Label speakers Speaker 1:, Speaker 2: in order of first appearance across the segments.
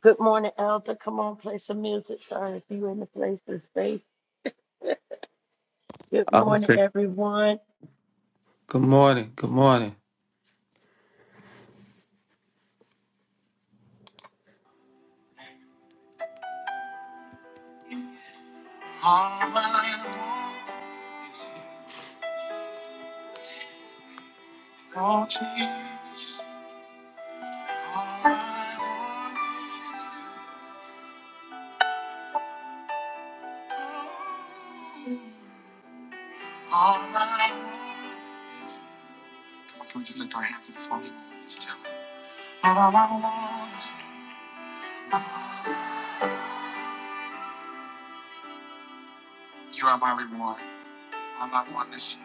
Speaker 1: Good morning, Elder. Come on, play some music. Sorry if you in the place of space. Good
Speaker 2: I'm
Speaker 1: morning,
Speaker 2: sick.
Speaker 1: everyone.
Speaker 2: Good morning. Good morning. All I want is you. Oh, Jesus. All I want is you. All I want is you. Come on, can we just lift our hands in this holy moment? Just tell him. All I want is you. You are my reward. All I want is you.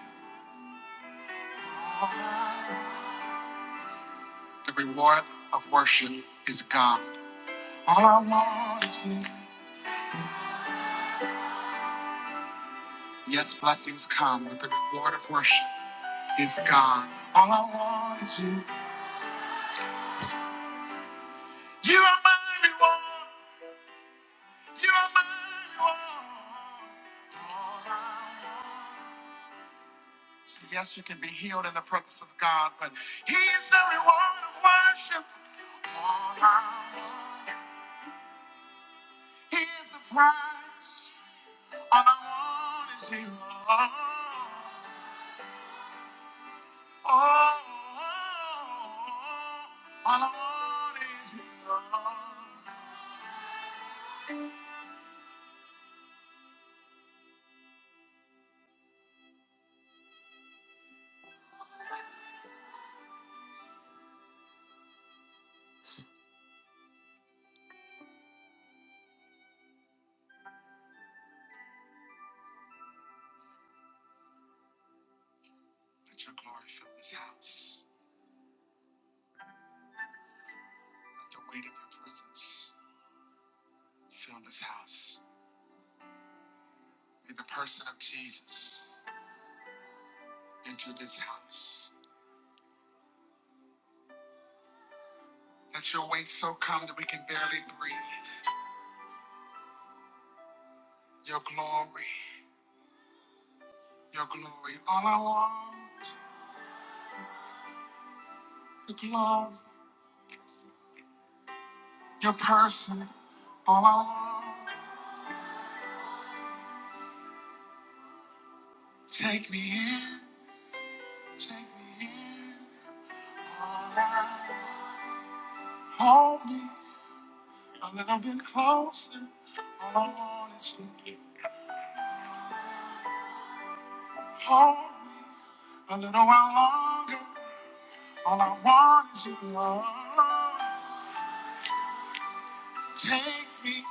Speaker 2: All I want. The reward of worship is God. All I want is you. Yes, blessings come, but the reward of worship is God. All I want is you. You are my reward. You are my reward. All I want. So yes, you can be healed in the presence of God, but He is the reward of worship. All I want. He is the prize. All I want is you. All is yours. Let your glory fill this house. Let the weight of your presence fill this house. May the person of Jesus enter this house. Let your weight so come that we can barely breathe. Your glory, your glory. All I want, your glory, your person. All I want. Take me in, take me in. All I want, Hold me a little bit closer. All I want is you. Hold me a little while longer. All I want is you, Lord. Take me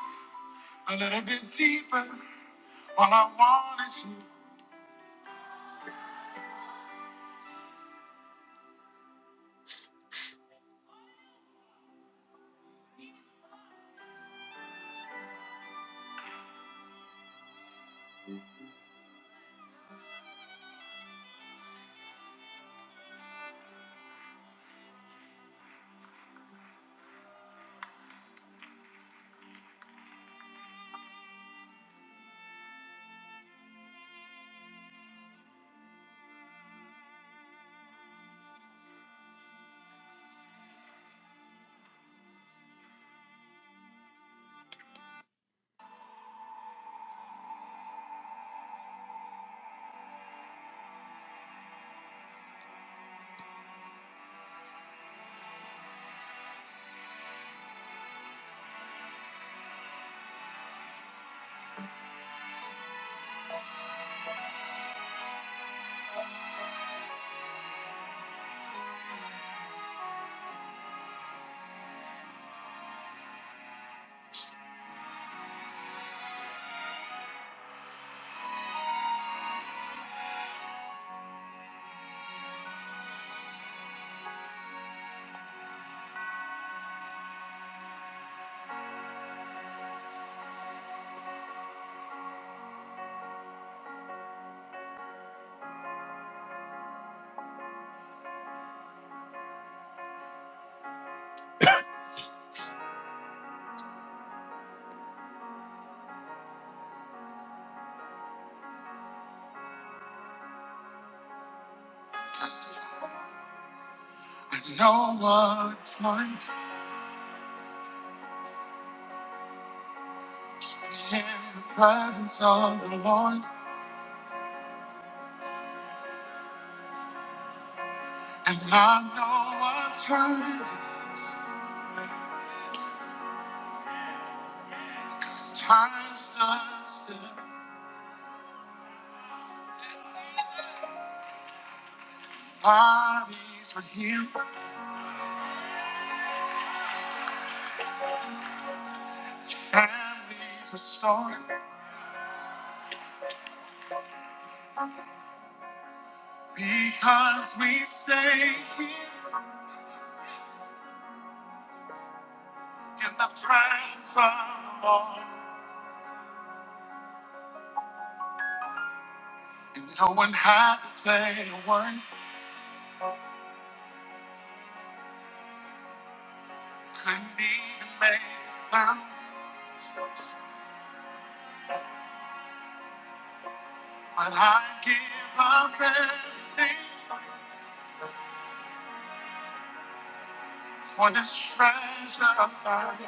Speaker 2: a little bit deeper. All I want is you. Testify. I know what it's like to be in the presence of the Lord, and I know what time it is. Cause time stands still. Bodies were healed, families restored, because we stayed here in the presence of the Lord. And no one had to say a word, couldn't even make a sound. But I give up everything for this treasure I found.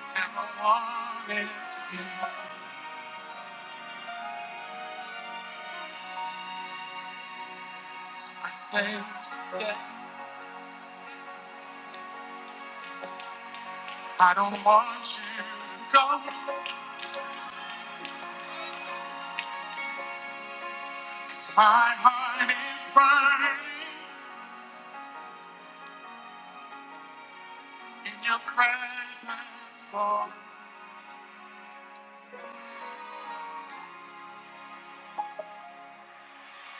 Speaker 2: Never wanted it to be. I say, stay. I don't want you to go. So my heart is burning in your presence, Lord.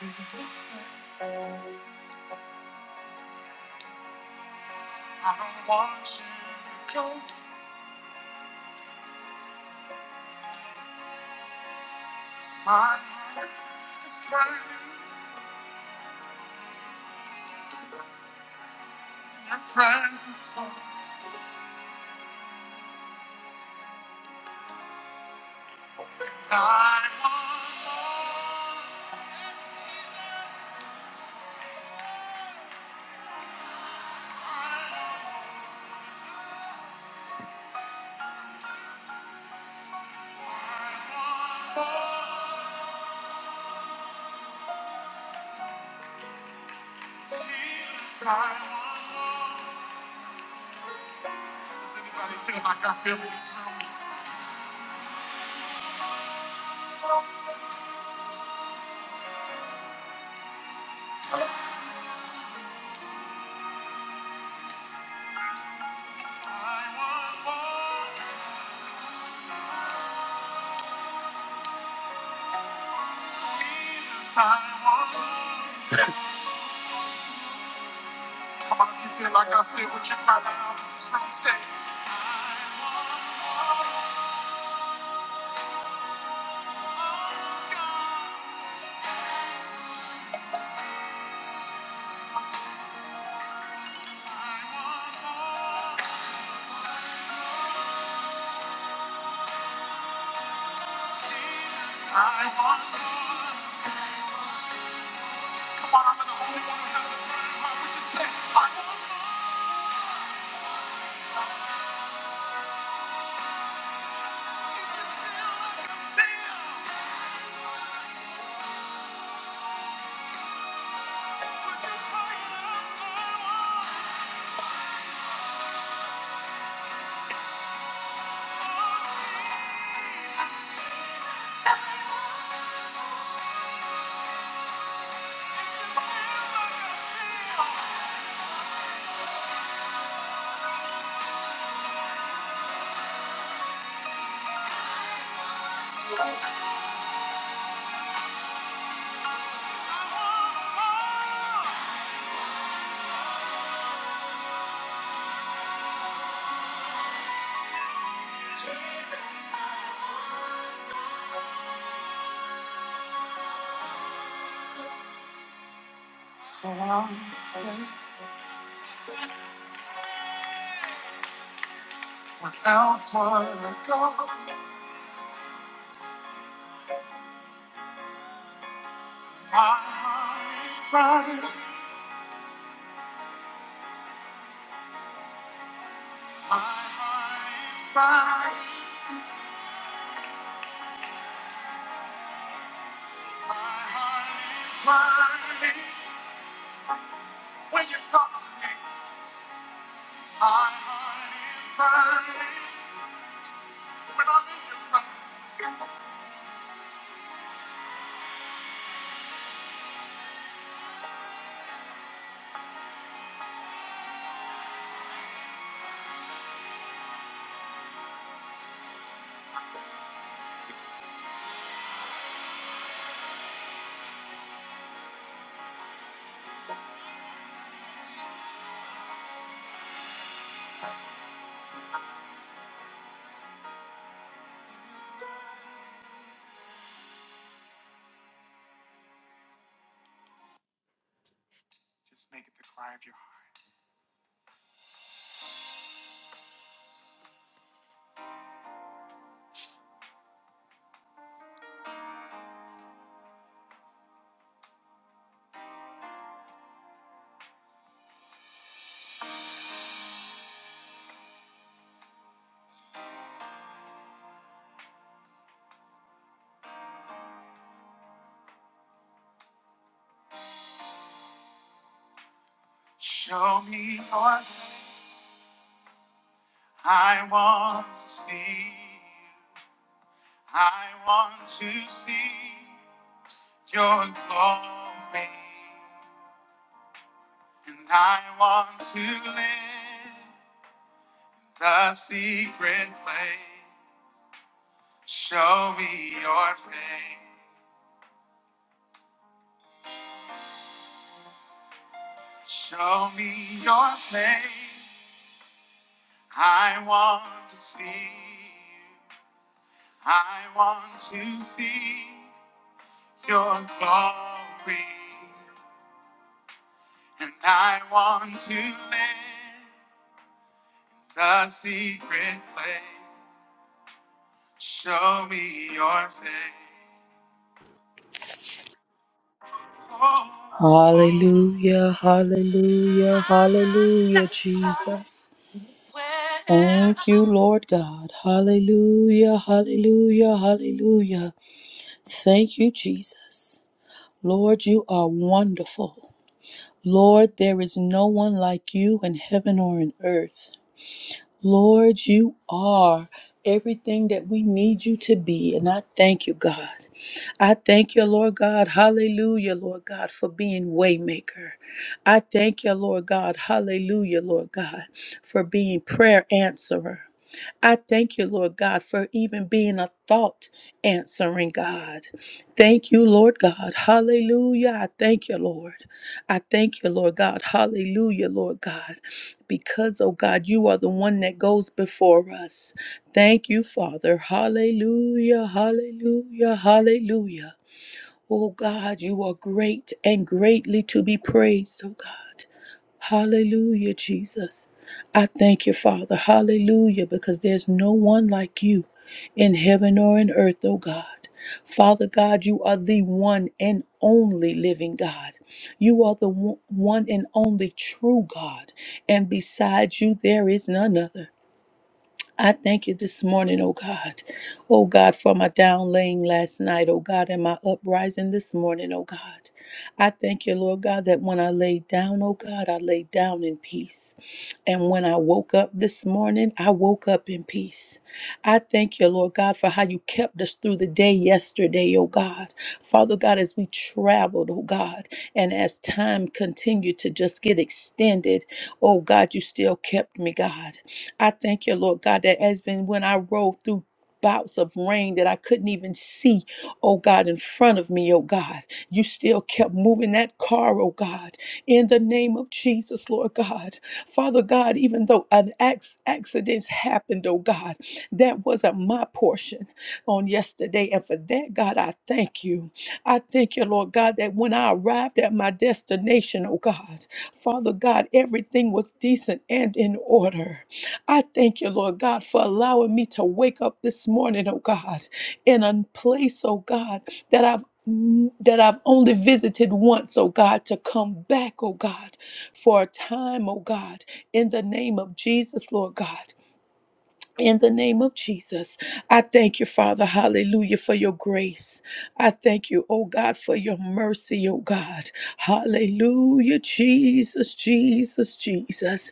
Speaker 2: In this way, I don't want you to go. 'Cause my heart is burning in your presence, Lord. And I want more. I want I want more. Jesus, I want more. Does anybody feel like I feel this? I want more. How about if you feel like I feel with your cry out? That's what I'm saying. I want more. Come on, I'm the only one who has a burning heart. Would you say, I want more? If you feel like I feel, would you cry it out for me? If you feel like I feel. So I'm saying. When else would I go? My heart is burning. My heart is burning. My heart is burning. When you talk to me, my heart is burning. When I'm in your presence, just make it the cry of your heart. Show me your hand. I want to see you. I want to see your glory. And I want to live the secret place. Show me your face. Show me your face. I want to see you. I want to see your glory. And I want to live the secret place. Show me your face. I'm
Speaker 3: Hallelujah, hallelujah,
Speaker 2: not
Speaker 3: hallelujah,
Speaker 2: satisfied
Speaker 3: Jesus.
Speaker 2: where
Speaker 3: Thank you,
Speaker 2: I am.
Speaker 3: Lord God. Hallelujah, hallelujah, hallelujah. Thank you, Jesus. Lord, you are wonderful. Lord, there is no one like you in heaven or in earth. Lord, you are everything that we need you to be, and I thank you, God. I thank you, Lord God. Hallelujah, Lord God, for being waymaker. I thank you, Lord God. Hallelujah, Lord God, for being prayer answerer. I thank you, Lord God, for even being a thought answering God. Thank you, Lord God. Hallelujah. I thank you, Lord. I thank you, Lord God. Hallelujah, Lord God. Because, oh God, you are the one that goes before us. Thank you, Father. Hallelujah, hallelujah, hallelujah. Oh God, you are great and greatly to be praised, oh God. Hallelujah, Jesus. I thank you, Father. Hallelujah, because there's no one like you in heaven or in earth, oh God. Father God, you are the one and only living God. You are the one one and only true God, and besides you, there is none other. I thank you this morning, oh God. Oh God, for my down laying last night, oh God, and my uprising this morning, oh God. I thank you, Lord God, that when I laid down, oh God, I laid down in peace. And when I woke up this morning, I woke up in peace. I thank you, Lord God, for how you kept us through the day yesterday, oh God. Father God, as we traveled, oh God, and as time continued to just get extended, oh God, you still kept me, God. I thank you, Lord God, that has been when I rolled through bouts of rain that I couldn't even see, oh God, in front of me, oh God. You still kept moving that car, oh God, in the name of Jesus, Lord God. Father God, even though an acc- accident happened, oh God, that wasn't my portion on yesterday. And for that, God, I thank you. I thank you, Lord God, that when I arrived at my destination, oh God, Father God, everything was decent and in order. I thank you, Lord God, for allowing me to wake up this morning, oh God, in a place, oh God, that I've mm, that I've only visited once, oh God, to come back, oh God, for a time, oh God, in the name of Jesus, Lord God. In the name of Jesus, I thank you, Father, hallelujah, for your grace. I thank you, oh God, for your mercy, oh God. Hallelujah, Jesus, Jesus, Jesus.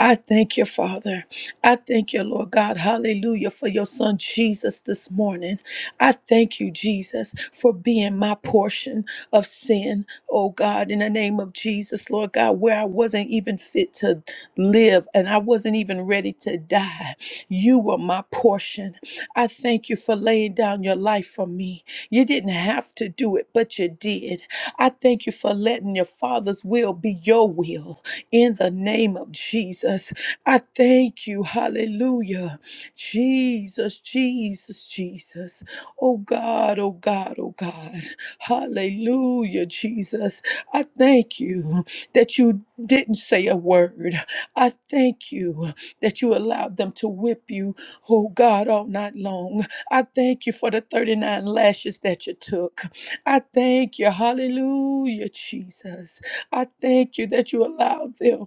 Speaker 3: I thank you, Father. I thank you, Lord God, hallelujah, for your son Jesus this morning. I thank you, Jesus, for being my portion of sin, oh God, in the name of Jesus, Lord God, where I wasn't even fit to live and I wasn't even ready to die. You were my portion. I thank you for laying down your life for me. You didn't have to do it, but you did. I thank you for letting your Father's will be your will in the name of Jesus. I thank you. Hallelujah. Jesus, Jesus, Jesus. Oh God, oh God, oh God. Hallelujah, Jesus. I thank you that you didn't say a word. I thank you that you allowed them to whip you, oh God, all night long. I thank you for the 39 lashes that you took. I thank you, hallelujah, Jesus. I thank you that you allowed them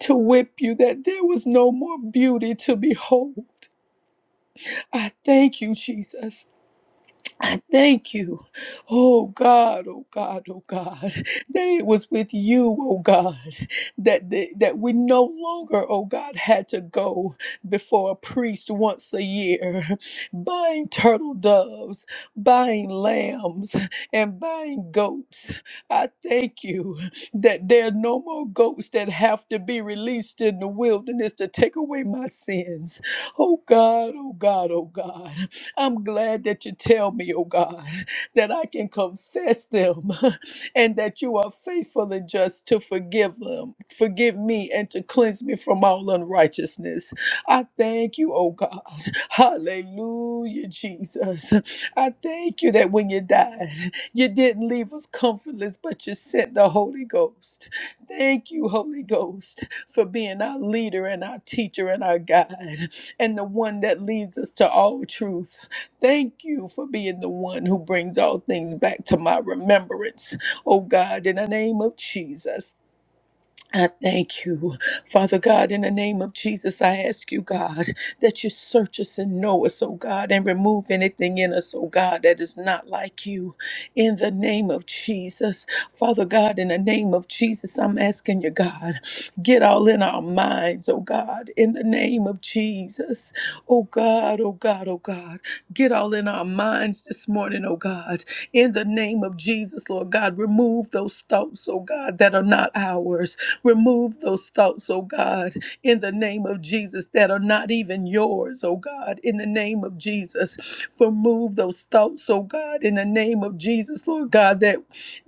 Speaker 3: to whip you, that there was no more beauty to behold. I thank you, Jesus. I thank you, oh God, oh God, oh God, that it was with you, oh God, that that that we no longer, oh God, had to go before a priest once a year, buying turtle doves, buying lambs, and buying goats. I thank you that there are no more goats that have to be released in the wilderness to take away my sins. Oh God, oh God, oh God. I'm glad that you tell me, oh God, that I can confess them and that you are faithful and just to forgive them, forgive me, and to cleanse me from all unrighteousness. I thank you, oh God. Hallelujah, Jesus. I thank you that when you died, you didn't leave us comfortless, but you sent the Holy Ghost. Thank you, Holy Ghost, for being our leader and our teacher and our guide and the one that leads us to all truth. Thank you for being the one who brings all things back to my remembrance, oh God, in the name of Jesus. I thank you, Father God, in the name of Jesus. I ask you, God, that you search us and know us, oh God, and remove anything in us, oh God, that is not like you. In the name of Jesus, Father God, in the name of Jesus, I'm asking you, God, get all in our minds, oh God, in the name of Jesus. Oh God, oh God, oh God, get all in our minds this morning, oh God, in the name of Jesus, Lord God, remove those thoughts, oh God, that are not ours Remove those thoughts, oh God, in the name of Jesus that are not even yours, oh God, in the name of Jesus. Remove those thoughts, oh God, in the name of Jesus, Lord God, that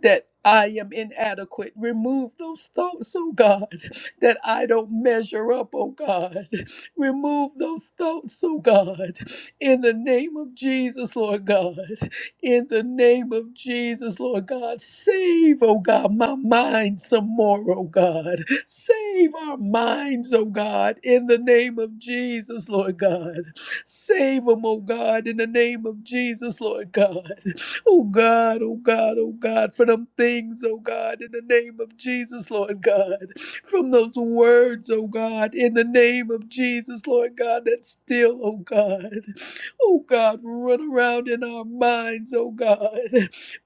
Speaker 3: that I am inadequate. Remove those thoughts, oh God, that I don't measure up, oh God. Remove those thoughts, oh God, in the name of Jesus, Lord God in the name of Jesus, Lord God. Save, oh God, my mind some more, oh God. Save our minds, oh God, in the name of Jesus, Lord God. Save them, oh God, in the name of Jesus, Lord God. Oh God, oh God, oh God, for them things, oh God, in the name of Jesus, Lord God. From those words, oh God, in the name of Jesus, Lord God, that's still, oh God. Oh God, run around in our minds, oh God.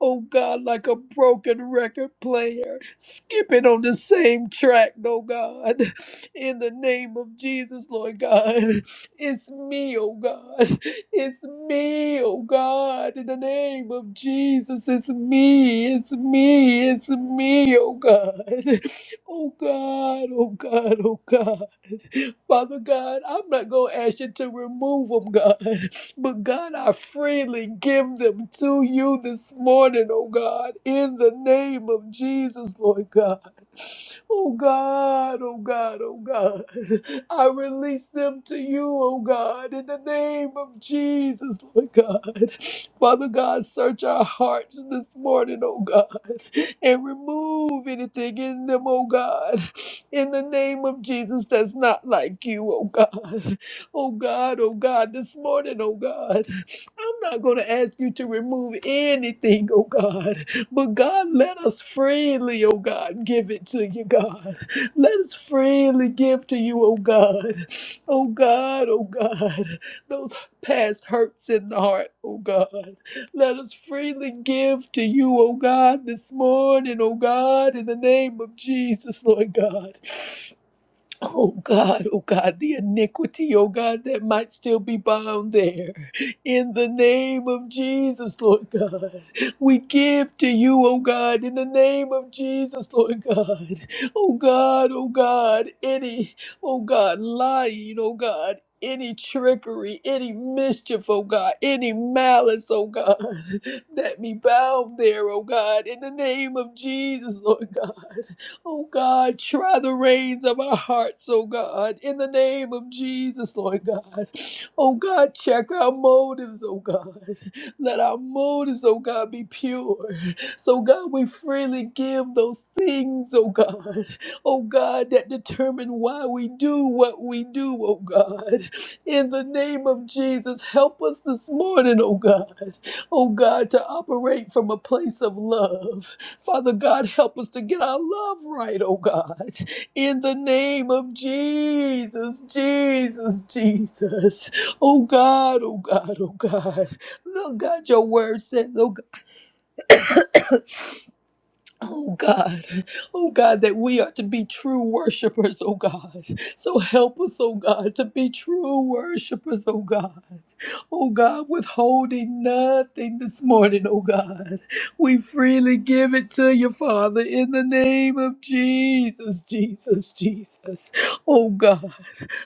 Speaker 3: Oh God, like a broken record player, skipping on the same track, oh God. In the name of Jesus, Lord God. It's me, oh God. It's me, oh God. In the name of Jesus, it's me, it's me, it's me, oh God. Oh God, oh God, oh God. Father God, I'm not going to ask you to remove them, God. But God, I freely give them to you this morning, oh God, in the name of Jesus, Lord God. Oh God, oh God, oh God. I release them to you, oh God, in the name of Jesus, Lord God. Father God, search our hearts this morning, oh God and remove anything in them, oh God, in the name of Jesus that's not like you, oh God. Oh God, oh God, this morning, oh God, I'm not going to ask you to remove anything, oh God, but God, let us freely, oh God, give it to you, God. Let us freely give to you, oh God. Oh God, oh God, those past hurts in the heart, oh God. Let us freely give to you, O God, this morning, O God, in the name of Jesus, Lord God. Oh God, oh God, the iniquity, oh God, that might still be bound there. In the name of Jesus, Lord God, we give to you, oh God, in the name of Jesus, Lord God. Oh God, oh God, any, oh God, lying, oh God. Any trickery, any mischief, oh God, any malice, oh God, that be bound there, oh God, in the name of Jesus, Lord God. Oh God, try the reins of our hearts, oh God, in the name of Jesus, Lord God. Oh God, check our motives, oh God. Let our motives, oh God, be pure. So God, we freely give those things, oh God, oh God, that determine why we do what we do, oh God. In the name of Jesus, help us this morning, oh God, oh God, to operate from a place of love Father God, help us to get our love right, oh God. In the name of Jesus, Jesus, Jesus. Oh God, oh God, oh God. Look, God, your word says, oh Oh God, oh God, that we are to be true worshipers, oh God. So help us, oh God, to be true worshipers, oh God. Oh God, withholding nothing this morning, oh God. We freely give it to you, Father, in the name of Jesus, Jesus, Jesus. Oh God,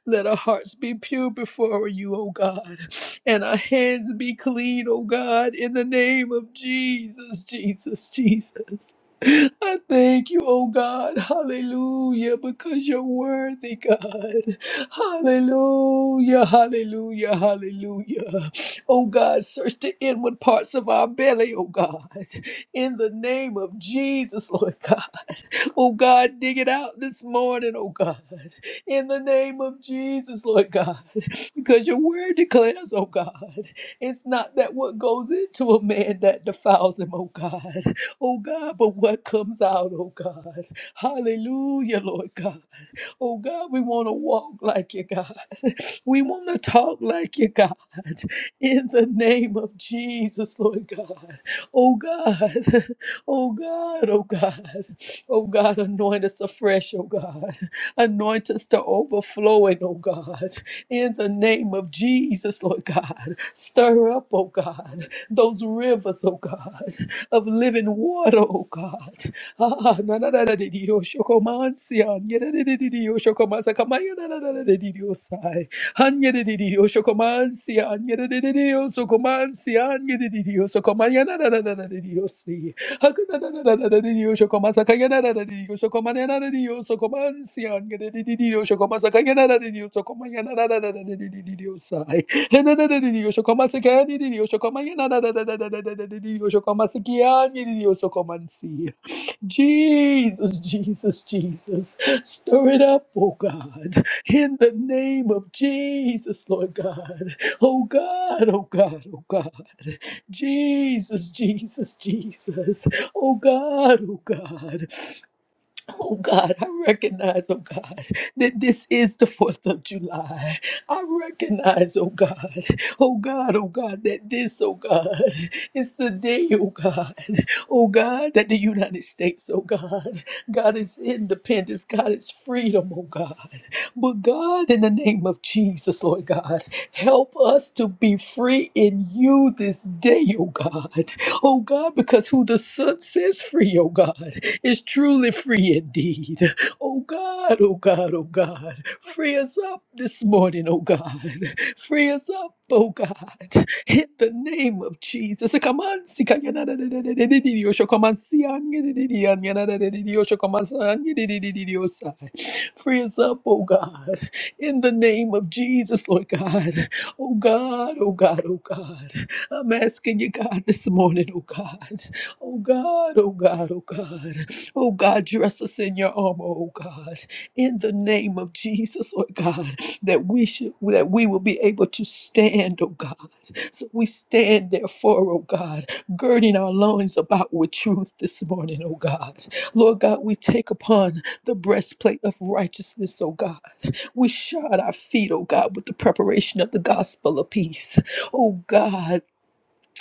Speaker 3: let our hearts be pure before you, oh God, and our hands be clean, oh God, in the name of Jesus, Jesus, Jesus. I thank you, oh God. Hallelujah. Because you're worthy, God. Hallelujah. Hallelujah. Hallelujah. Oh God, search the inward parts of our belly, oh God. In the name of Jesus, Lord God. Oh God, dig it out this morning, oh God. In the name of Jesus, Lord God. because your word declares, oh God, it's not that what goes into a man that defiles him, oh God, oh God, but what comes out, oh God. Hallelujah, Lord God. Oh God, we want to walk like you, God. We want to talk like you, God, in the name of Jesus, Lord God. Oh God, oh God, oh God, oh God, anoint us afresh, oh God. Anoint us to overflowing, oh God, in the name of Jesus, Lord God. Stir up, oh God, those rivers, oh God, of living water, oh God. Ah, na na na na de Dios, yo comancio, na na na na de Dios, yo comancio, camaya na na na na de Dios, ay. Angeredidioso socomansi, angeredidioso comansi, angeredidioso comaniana de diosi. Hakanana de dioso comasa cayana de dioso comaniana de Anyeriririo shokomansi, anyeriririo sokomansi, anyeriririo sokomanyanarararariririo si. Hakanarararariririo shokomasa kayanararariririo sokomanyanarariririo sokomansi, anyeriririo shokomasa kayanarariririo sokomanyanarararariririo sai. de shokomasa kayanarariririo sokomanyanarararariririo shokomasa kiyanarariririo sokomansi. Jesus, Jesus, Jesus. Stir it up, oh God in the name of Jesus, Lord God. Oh God, oh God, oh God. Jesus, Jesus, Jesus. Oh God, oh God. Oh God, I recognize, oh God, that this is the 4th of July. I recognize, oh God, oh God, oh God, that this, oh God, is the day, oh God, oh God, that the United States, oh God, God is independence, God is freedom, oh God. But God, in the name of Jesus, Lord God, help us to be free in you this day, oh God, oh God, because who the Son says free, oh God, is truly free indeed. Oh God, oh God, oh God, free us up this morning, oh God. Free us up, oh God. In the name of Jesus. Come on, sika yana da da da da da da di osho come on, si an yana da di an yana da da di di osho come on, sa an yana da di di di osai. Free us up, oh God. In the name of Jesus, Lord God. Oh God, oh God, oh God. I'm asking you, God, this morning, oh God. Oh God, oh God, oh God. Oh God, dress us in your armor, oh God, in the name of Jesus, Lord God, that we should that we will be able to stand, oh God. So we stand therefore, oh God, girding our loins about with truth this morning, oh God. Lord God, we take upon the breastplate of righteousness, oh God. We shod our feet, oh God, with the preparation of the gospel of peace. Oh God,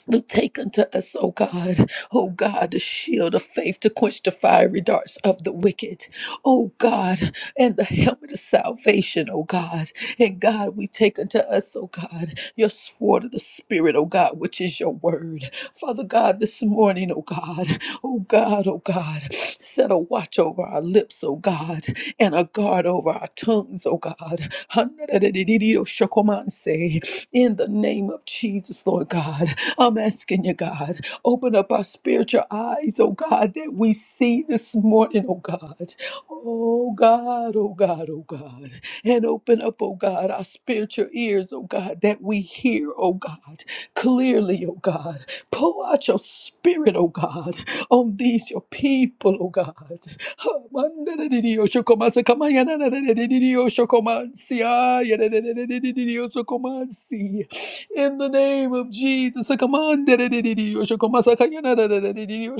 Speaker 3: we take unto us, O God, O God, the shield of faith to quench the fiery darts of the wicked, O God, and the helmet of salvation, O God. And God, we take unto us, O God, your sword of the Spirit, O God, which is your word. Father God, this morning, O God, O God, O God, set a watch over our lips, O God, and a guard over our tongues, O God. In the name of Jesus, Lord God. I'm asking you, God, open up our spiritual eyes, oh God, that we see this morning, oh God. Oh God, oh God, oh God. And open up, oh God, our spiritual ears, oh God, that we hear, oh God, clearly, oh God. Pour out your spirit, oh God, on these your people, oh God. In the name of Jesus, I command. Oshokoman sakayana dedededede,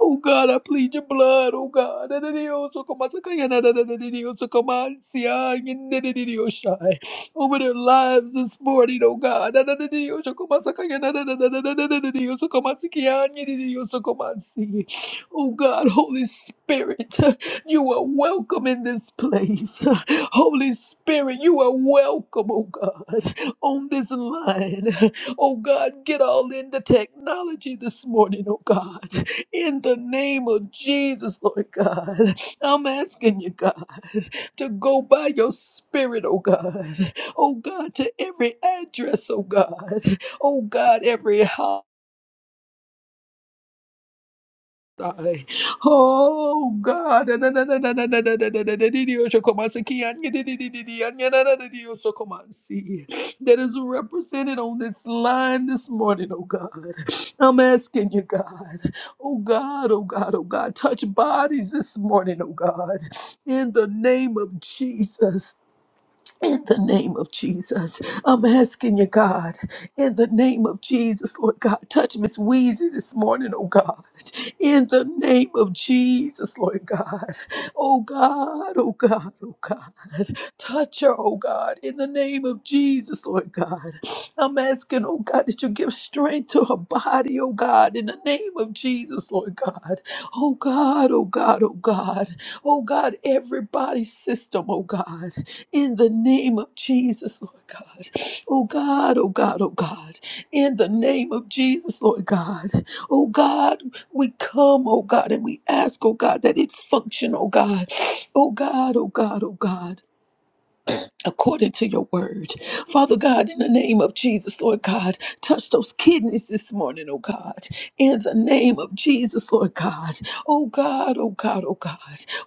Speaker 3: Oh God, I plead your blood, oh God. Dededede, Oshokoman Over their lives this morning, oh God. si- Oh God, Holy Spirit. You are welcome in this place. Holy Spirit, you are welcome, oh God, on this line. Oh God, get all in the technology this morning, oh God. In the name of Jesus, Lord God, I'm asking you, God, to go by your spirit, oh God. Oh God, to every address, oh God. Oh God, every house. Ay. Oh God. Na- na- na- na- na- na- na- na- na- na- na- di- di- osho komansi ki anye di- di- di- di- di- anye na- na- na- di- osho komansi. That is represented on this line this morning, oh God. I'm asking you, God. Oh God, oh God, oh God. Touch bodies this morning, oh God. In the name of Jesus. In the name of Jesus, I'm asking you, God, in the name of Jesus, Lord God, touch Miss Wheezy this morning, oh God. In the name of Jesus, Lord God. Oh God, oh God, oh God. Touch her, oh God, in the name of Jesus, Lord God. I'm asking, oh God, that you give strength to her body, oh God, in the name of Jesus, Lord God. Oh God, oh God, oh God. Oh God, every body system, oh God in the name of Jesus, Lord God. Oh God, oh God, oh God, in the name of Jesus, Lord God. Oh God, we come, oh God, and we ask, oh God, that it function, oh God. Oh God, oh God, oh God according to your word. Father God, in the name of Jesus, Lord God, touch those kidneys this morning, oh God. In the name of Jesus, Lord God. Oh God, oh God, oh God.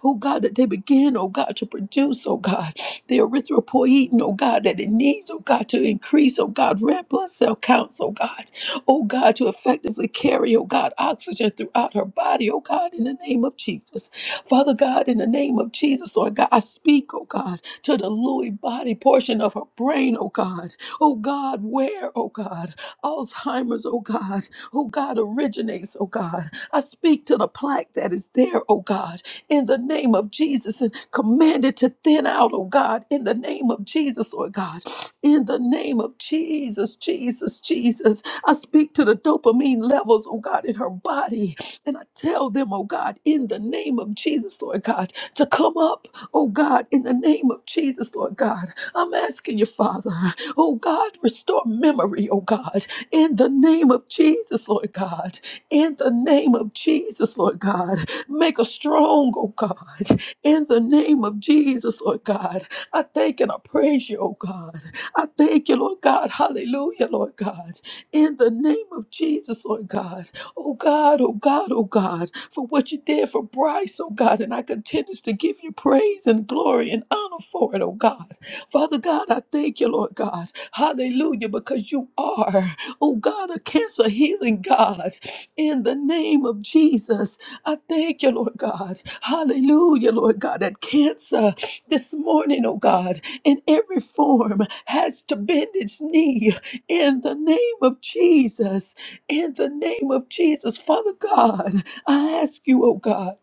Speaker 3: Oh God, that they begin, oh God, to produce, oh God, the erythropoietin, oh God, that it needs, oh God, to increase, oh God, red blood cell counts, oh God. Oh God, to effectively carry, oh God, oxygen throughout her body, oh God, in the name of Jesus. Father God, in the name of Jesus, Lord God, I speak, oh God to the Lewy body portion of her brain, oh God. Oh God, where, oh God, Alzheimer's, oh God, oh God, originates, oh God. I speak to the plaque that is there, oh God, in the name of Jesus and command it to thin out, oh God, in the name of Jesus, Lord God, in the name of Jesus, Jesus, Jesus. I speak to the dopamine levels, oh God, in her body, and I tell them, oh God, in the name of Jesus, Lord God, to come up Oh God, in the name of Jesus, Lord God, I'm asking you, Father, oh God, restore memory, oh God, in the name of Jesus, Lord God, in the name of Jesus, Lord God, make us strong, oh God, in the name of Jesus, Lord God. I thank and I praise you, oh God. I thank you, Lord God. Hallelujah, Lord God. In the name of Jesus, Lord God. Oh God, oh God, oh God, for what you did for Bryce, oh God, and I continue to give you praise and glory and honor for it, oh God. Father God, I thank you, Lord God. Hallelujah, because you are, oh God, a cancer healing God. In the name of Jesus, I thank you, Lord God. Hallelujah, Lord God, that cancer this morning, oh God, in every form has to bend its knee in the name of Jesus in the name of Jesus. Father God, I ask you, oh God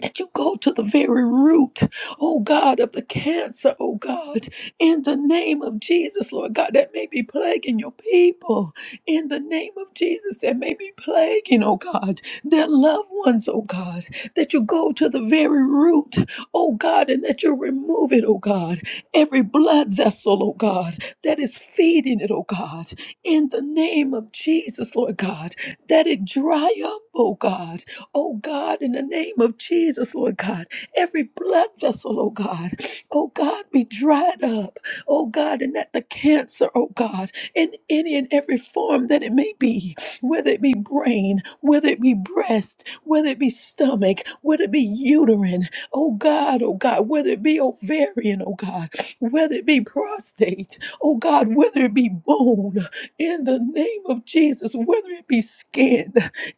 Speaker 3: that you go to the very root, oh God, of the cancer, oh God, in the name of Jesus, Lord God, that may be plaguing your people, in the name of Jesus, that may be plaguing, oh God, their loved ones, oh God, that you go to the very root, oh God, and that you remove it, oh God, every blood vessel, oh God, that is feeding it, oh God, in the name of Jesus, Lord God, that it dry up, oh God, Oh God, in the name of Jesus, Lord God, every blood vessel, oh God, oh God, be dried up. Oh God, and that the cancer, oh God, in any and every form that it may be, whether it be brain, whether it be breast, whether it be stomach, whether it be uterine, oh God, oh God, whether it be ovarian, oh God, whether it be prostate, oh God, whether it be bone, in the name of Jesus, whether it be skin,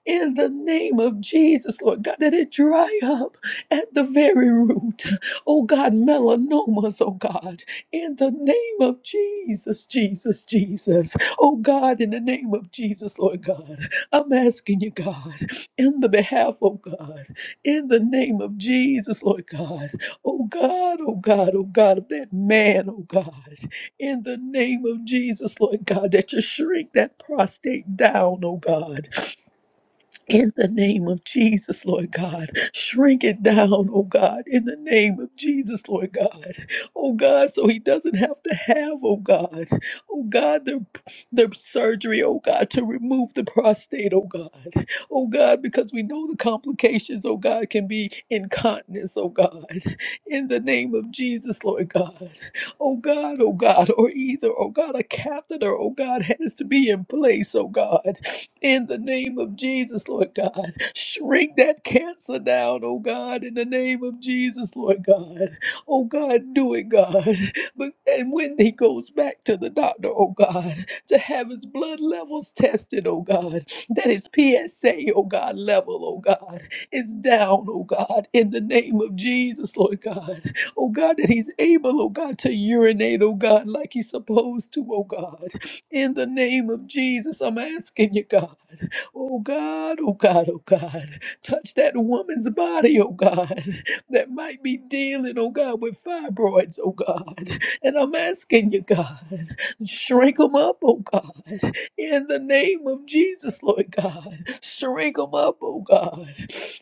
Speaker 3: in the name of Jesus, Lord God, that it dry up at the very root. Oh God, melanomas, oh God, in the name of Jesus, Jesus, Jesus. Oh God, in the name of Jesus, Lord God, I'm asking you, God, in the behalf, oh God, in the name of Jesus, Lord God, oh God, oh God, oh God, of that man, oh God, in the name of Jesus, Lord God, that you shrink that prostate down, oh God, in the name of Jesus, Lord God, shrink it down, oh God, in the name of Jesus, Lord God, oh God, so he doesn't have to have, oh God, oh God, the, the surgery, oh God, to remove the prostate, oh God, oh God, because we know the complications, oh God, can be incontinence, oh God, in the name of Jesus, Lord God, oh God, oh God, or either, oh God, a catheter, oh God, has to be in place, oh God, in the name of Jesus, Lord God. Shrink that cancer down, oh God, in the name of Jesus, Lord God. Oh God, do it, God. But and when he goes back to the doctor, oh God, to have his blood levels tested, oh God, that his PSA, oh God, level, oh God, is down, oh God, in the name of Jesus, Lord God. Oh God, that he's able, oh God, to urinate, oh God, like he's supposed to, oh God. In the name of Jesus, I'm asking you, God. Oh God, oh God, oh God. Touch that woman's body, oh God, that might be dealing, oh God, with fibroids, oh God. And I'm asking you, God, shrink them up, oh God. In the name of Jesus, Lord God, shrink them up, oh God.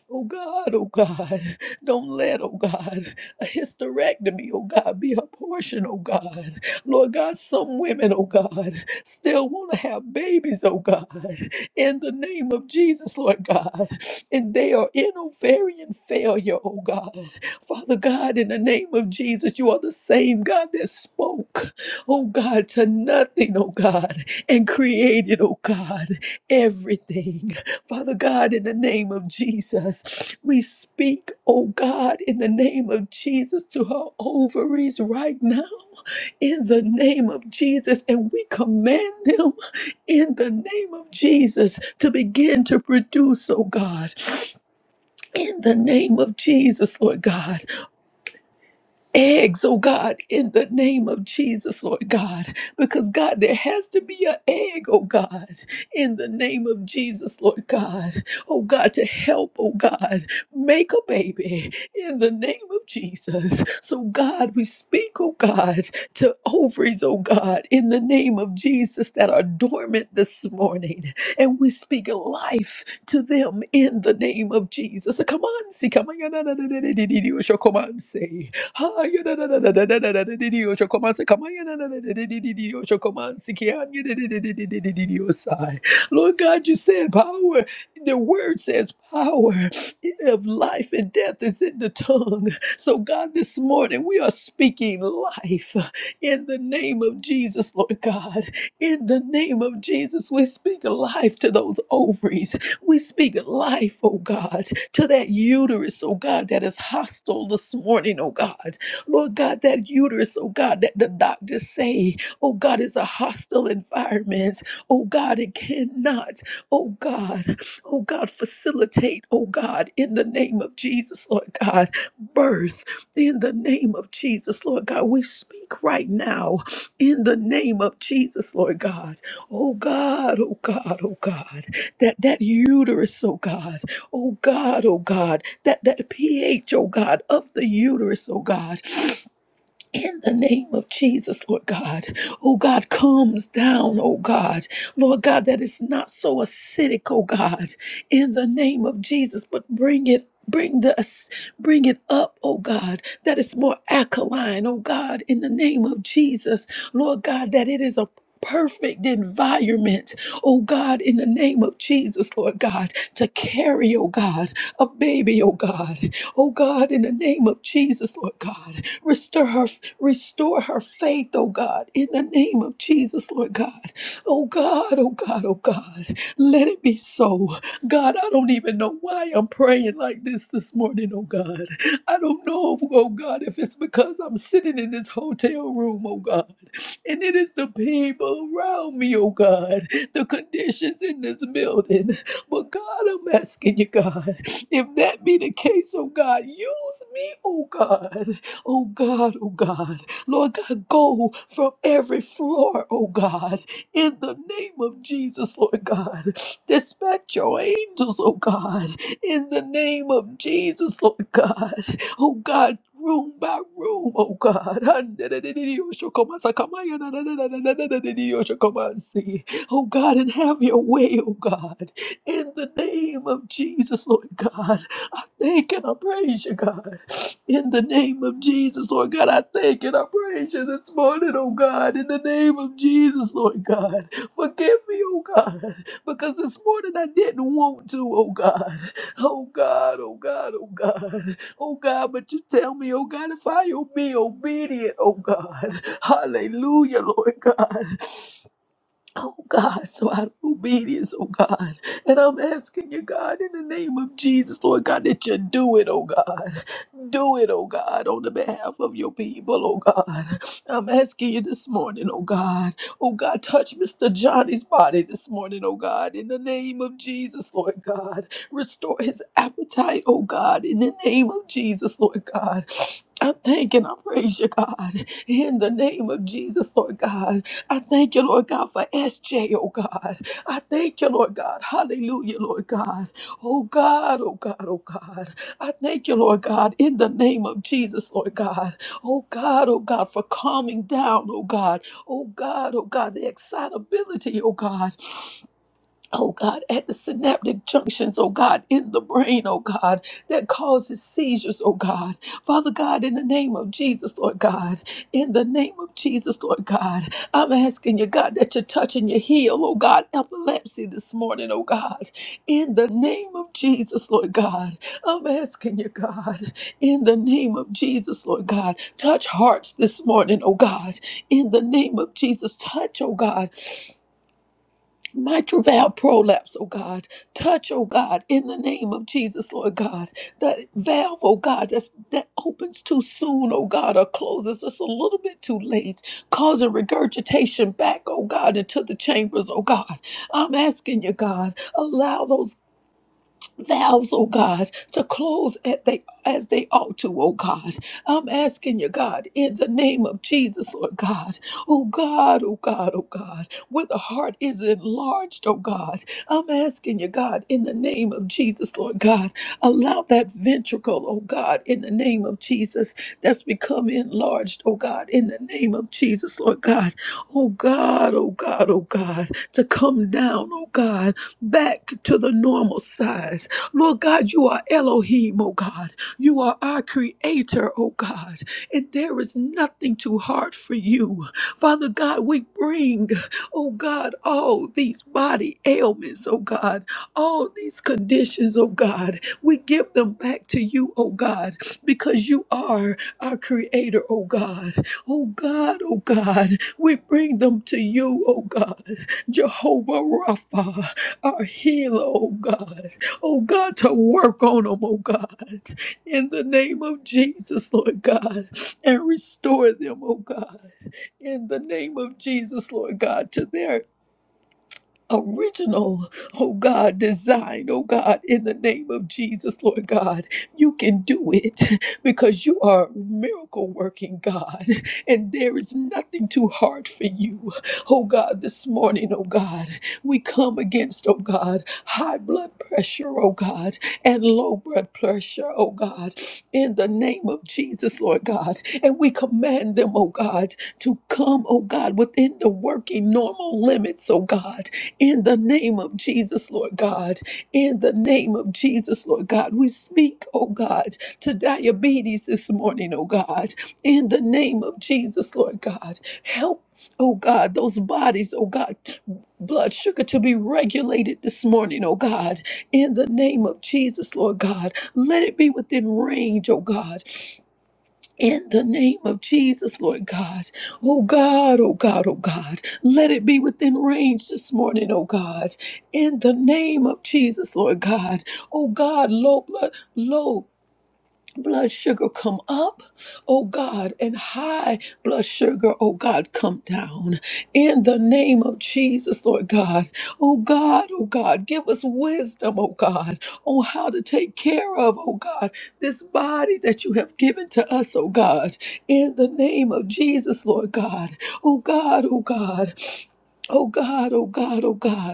Speaker 3: Oh God, oh God, don't let, oh God, a hysterectomy, oh God, be her portion, oh God. Lord God, some women, oh God, still want to have babies, oh God, in the name of Jesus, Lord God. And they are in ovarian failure, oh God. Father God, in the name of Jesus, you are the same God that spoke, oh God, to nothing, oh God, and created, oh God, everything. Father God, in the name of Jesus, we speak, oh God, in the name of Jesus to her ovaries right now, in the name of Jesus, and we command them in the name of Jesus to begin to produce, oh God, in the name of Jesus, Lord God eggs, oh God, in the name of Jesus, Lord God. Because God, there has to be an egg, oh God, in the name of Jesus, Lord God. Oh God, to help, oh God, make a baby in the name of Jesus. So God, we speak, oh God, to ovaries, oh God, in the name of Jesus that are dormant this morning. And we speak life to them in the name of Jesus. Come on, see, come on, Lord God, you said power. The word says power of life and death is in the tongue. So, God, this morning we are speaking life in the name of Jesus, Lord God. In the name of Jesus, we speak life to those ovaries. We speak life, oh God, to that uterus, oh God, that is hostile this morning, oh God. Lord God, that uterus, oh God, that the doctors say, oh God, is a hostile environment. Oh God, it cannot, oh God, oh God, facilitate, oh God, in the name of Jesus, Lord God, birth in the name of Jesus, Lord God. We speak right now in the name of Jesus, Lord God. Oh God, oh God, oh God that that uterus, oh God, oh God, oh God, that that pH, oh God, of the uterus, oh God in the name of Jesus, Lord God. Oh God, calms down, oh God. Lord God, that is not so acidic, oh God, in the name of Jesus, but bring it. Bring the ac- bring it up, oh God, that it's more alkaline, oh God, in the name of Jesus, Lord God, that it is a perfect environment, oh God, in the name of Jesus, Lord God, to carry, oh God, a baby, oh God, oh God, in the name of Jesus, Lord God. Restore her, restore her faith, oh God, in the name of Jesus, Lord God. Oh God, oh God, oh God. Let it be so. God, I don't even know why I'm praying like this this morning, oh God. I don't know, if, oh God, if it's because I'm sitting in this hotel room, oh God, and it is the people around me, oh God, the conditions in this building. But God, I'm asking you, God, if that be the case, oh God, use me, oh God. Oh God, oh God, Lord God, go from every floor, oh God, in the name of Jesus, Lord God. Dispatch your angels, oh God, in the name of Jesus, Lord God. Oh God, room by room, oh God. Oh God, and have your way, oh God, in the name of Jesus, Lord God. Thank and I praise you, God. In the name of Jesus, Lord God, I thank and I praise you this morning, oh God. In the name of Jesus, Lord God, forgive me, oh God, because this morning I didn't want to, oh God. Oh God, oh God, oh God, oh God, but you tell me, oh God, if I be obedient, oh God. Hallelujah, Lord God. Oh God, so out of obedience, oh God. And I'm asking you, God, in the name of Jesus, Lord God, that you do it, oh God. Do it, oh God, on the behalf of your people, oh God. I'm asking you this morning, oh God. Oh God, touch Mr. Johnny's body this morning, oh God. In the name of Jesus, Lord God. Restore his appetite, oh God. In the name of Jesus, Lord God. I thank and I praise you, God, in the name of Jesus, Lord God. I thank you, Lord God, for SJ, oh God. I thank you, Lord God. Hallelujah, Lord God. Oh God, oh God, oh God. I thank you, Lord God, in the name of Jesus, Lord God. Oh God, oh God, for calming down, oh God. Oh God, oh God, the excitability, oh God oh God, at the synaptic junctions, oh God, in the brain, oh God, that causes seizures, oh God. Father God, in the name of Jesus, Lord God, in the name of Jesus, Lord God, I'm asking you, God, that you touch and you heal, oh God, epilepsy this morning, oh God, in the name of Jesus, Lord God. I'm asking you, God, in the name of Jesus, Lord God, touch hearts this morning, oh God, in the name of Jesus, touch, oh God, my valve prolapse, oh God. Touch, oh God, in the name of Jesus, Lord God. That valve, oh God, that's, that opens too soon, oh God, or closes just a little bit too late, causing regurgitation back, oh God, into the chambers, oh God. I'm asking you, God, allow those valves, oh God, to close at they as they ought to, oh God. I'm asking you, God, in the name of Jesus, Lord God, oh God, oh God, oh God, where the heart is enlarged, oh God. I'm asking you, God, in the name of Jesus, Lord God, allow that ventricle, oh God, in the name of Jesus, that's become enlarged, oh God, in the name of Jesus, Lord God, oh God, oh God, oh God, to come down, oh God, back to the normal size Lord God, you are Elohim, oh God. You are our creator, oh God. And there is nothing too hard for you. Father God, we bring, oh God, all these body ailments, oh God, all these conditions, oh God. We give them back to you, oh God, because you are our creator, oh God. Oh God, oh God, we bring them to you, oh God. Jehovah Rapha, our healer, oh God oh God, to work on them, oh God, in the name of Jesus, Lord God, and restore them, oh God, in the name of Jesus, Lord God, to their original, oh God, design, oh God, in the name of Jesus, Lord God. You can do it because you are a miracle working God, and there is nothing too hard for you. Oh God, this morning, oh God, we come against, oh God, high blood pressure, oh God, and low blood pressure, oh God, in the name of Jesus, Lord God. And we command them, oh God, to come, oh God, within the working normal limits, oh God in the name of Jesus, Lord God. In the name of Jesus, Lord God. We speak, oh God, to diabetes this morning, oh God. In the name of Jesus, Lord God. Help, oh God, those bodies, oh God, blood sugar to be regulated this morning, oh God. In the name of Jesus, Lord God. Let it be within range, oh God. In the name of Jesus, Lord God. Oh God, oh God, oh God. Let it be within range this morning, oh God. In the name of Jesus, Lord God. Oh God, low blood, low blood sugar come up, oh God, and high blood sugar, oh God, come down. In the name of Jesus, Lord God, oh God, oh God, give us wisdom, oh God, on how to take care of, oh God, this body that you have given to us, oh God. In the name of Jesus, Lord God, oh God, oh God. Oh God, oh God, oh God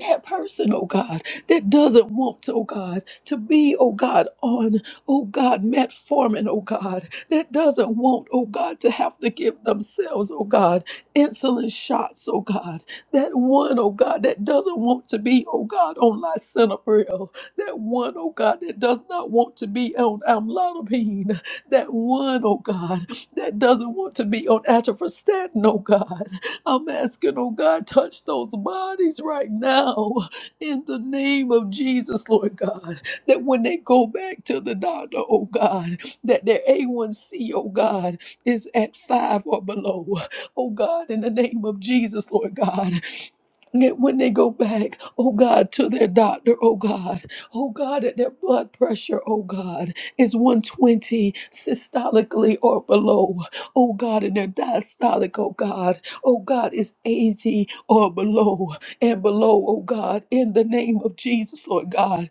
Speaker 3: that person, oh God, that doesn't want, oh God, to be, oh God, on, oh God, metformin, oh God, that doesn't want, oh God, to have to give themselves, oh God, insulin shots, oh God, that one, oh God, that doesn't want to be, oh God, on lisinopril, that one, oh God, that does not want to be on amlodipine, that one, oh God, that doesn't want to be on atorvastatin, oh God, I'm asking, oh God, touch those bodies right now in the name of Jesus, Lord God, that when they go back to the doctor, oh God, that their A1C, oh God, is at five or below. Oh God, in the name of Jesus, Lord God, Yet when they go back, oh God, to their doctor, oh God, oh God, that their blood pressure, oh God, is 120 systolically or below, oh God, and their diastolic, oh God, oh God, is 80 or below and below, oh God, in the name of Jesus, Lord God.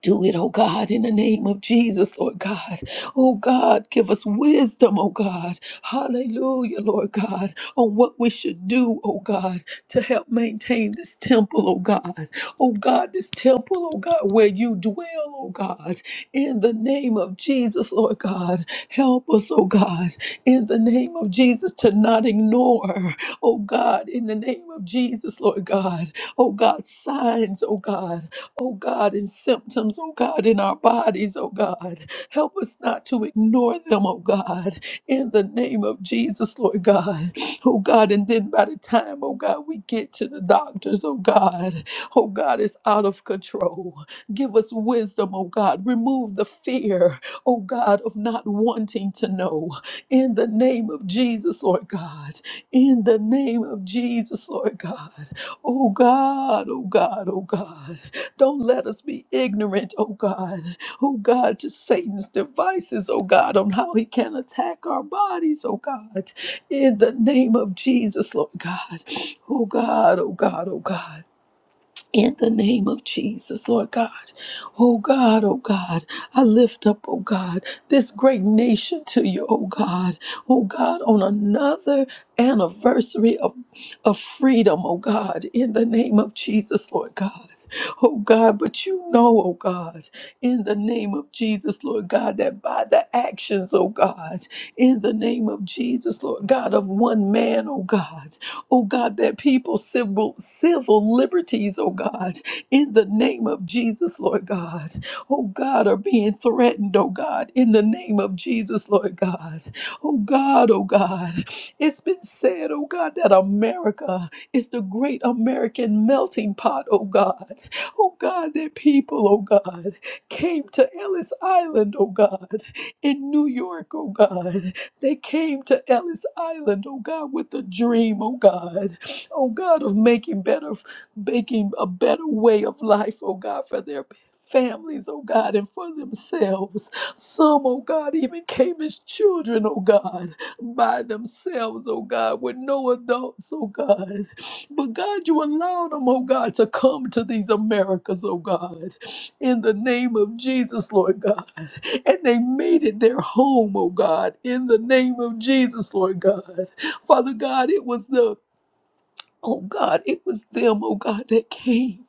Speaker 3: Do it, oh God, in the name of Jesus, Lord God. Oh God, give us wisdom, oh God. Hallelujah, Lord God, on what we should do, oh God, to help maintain this temple, oh God. Oh God, this temple, oh God, where you dwell, oh God. In the name of Jesus, Lord God, help us, oh God. In the name of Jesus, to not ignore, oh God, in the name of Jesus, Lord God. Oh God, signs, oh God oh God, and symptoms, oh God, in our bodies, oh God. Help us not to ignore them, oh God, in the name of Jesus, Lord God. Oh God, and then by the time, oh God, we get to the doctors, oh God, oh God, it's out of control. Give us wisdom, oh God. Remove the fear, oh God, of not wanting to know. In the name of Jesus, Lord God. In the name of Jesus, Lord God. Oh God, oh God, oh God. Don't let us be ignorant, oh God, oh God, to Satan's devices, oh God, on how he can attack our bodies, oh God, in the name of Jesus, Lord God. Oh God, oh God, oh God in the name of Jesus, Lord God. Oh God, oh God, I lift up, oh God, this great nation to you, oh God. Oh God, on another anniversary of, of freedom, oh God, in the name of Jesus, Lord God. Oh God, but you know, oh God, in the name of Jesus, Lord God, that by the actions, oh God, in the name of Jesus, Lord God, of one man, oh God oh God, that people's civil, civil liberties, oh God, in the name of Jesus, Lord God, oh God, are being threatened, oh God, in the name of Jesus, Lord God, oh God, oh God. It's been said, oh God, that America is the great American melting pot, oh God, oh God, that people, oh God, came to Ellis Island, oh God, in New York, oh God, they came to Ellis Island, oh God, with a dream, oh God, oh God, of making better, making a better way of life, oh God, for their families, oh God, and for themselves. Some, oh God, even came as children, oh God, by themselves, oh God, with no adults, oh God. But God, you allowed them, oh God, to come to these Americas, oh God, in the name of Jesus, Lord God and they made it their home, oh God, in the name of Jesus, Lord God. Father God, it was the. Oh God, it was them, oh God, that came.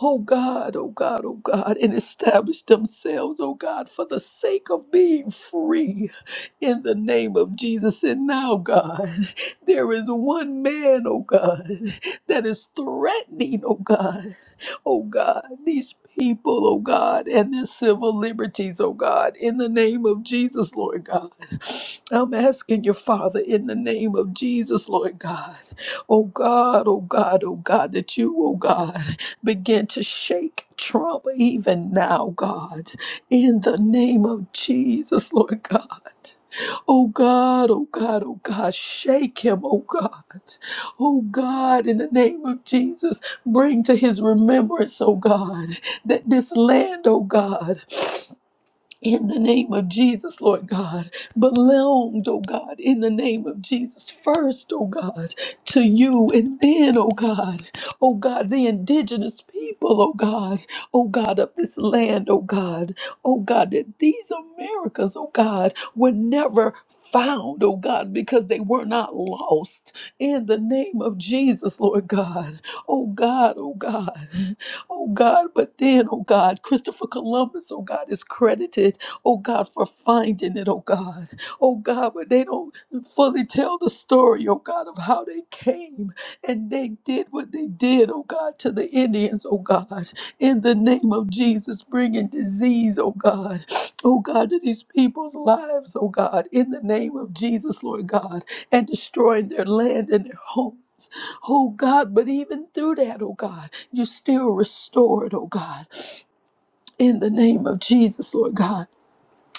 Speaker 3: Oh God, oh God, oh God, and established themselves, oh God, for the sake of being free in the name of Jesus. And now, God, there is one man, oh God, that is threatening, oh God, oh God, these people, oh God, and their civil liberties, oh God, in the name of Jesus, Lord God. I'm asking you, Father, in the name of Jesus, Lord God. Oh God, oh God, oh God, that you, oh God, begin to shake Trump even now, God, in the name of Jesus, Lord God. Oh God, oh God, oh God, shake him, oh God. Oh God, in the name of Jesus, bring to his remembrance, oh God, that this land, oh God, in the name of Jesus, Lord God, belonged, oh God, in the name of Jesus, first, oh God, to you, and then, oh God, oh God, the indigenous people, oh God, oh God, of this land, oh God, oh God, that these Americas, oh God, were never found, oh God, because they were not lost, in the name of Jesus, Lord God, oh God, oh God oh God. But then, oh God, Christopher Columbus, oh God, is credited, oh God, for finding it, oh God. Oh God, but they don't fully tell the story, oh God, of how they came and they did what they did, oh God, to the Indians, oh God, in the name of Jesus, bringing disease, oh God, oh God, to these people's lives, oh God, in the name of Jesus, Lord God, and destroying their land and their homes. Oh God, but even through that, oh God. You still restored, oh God, in the name of Jesus, Lord God.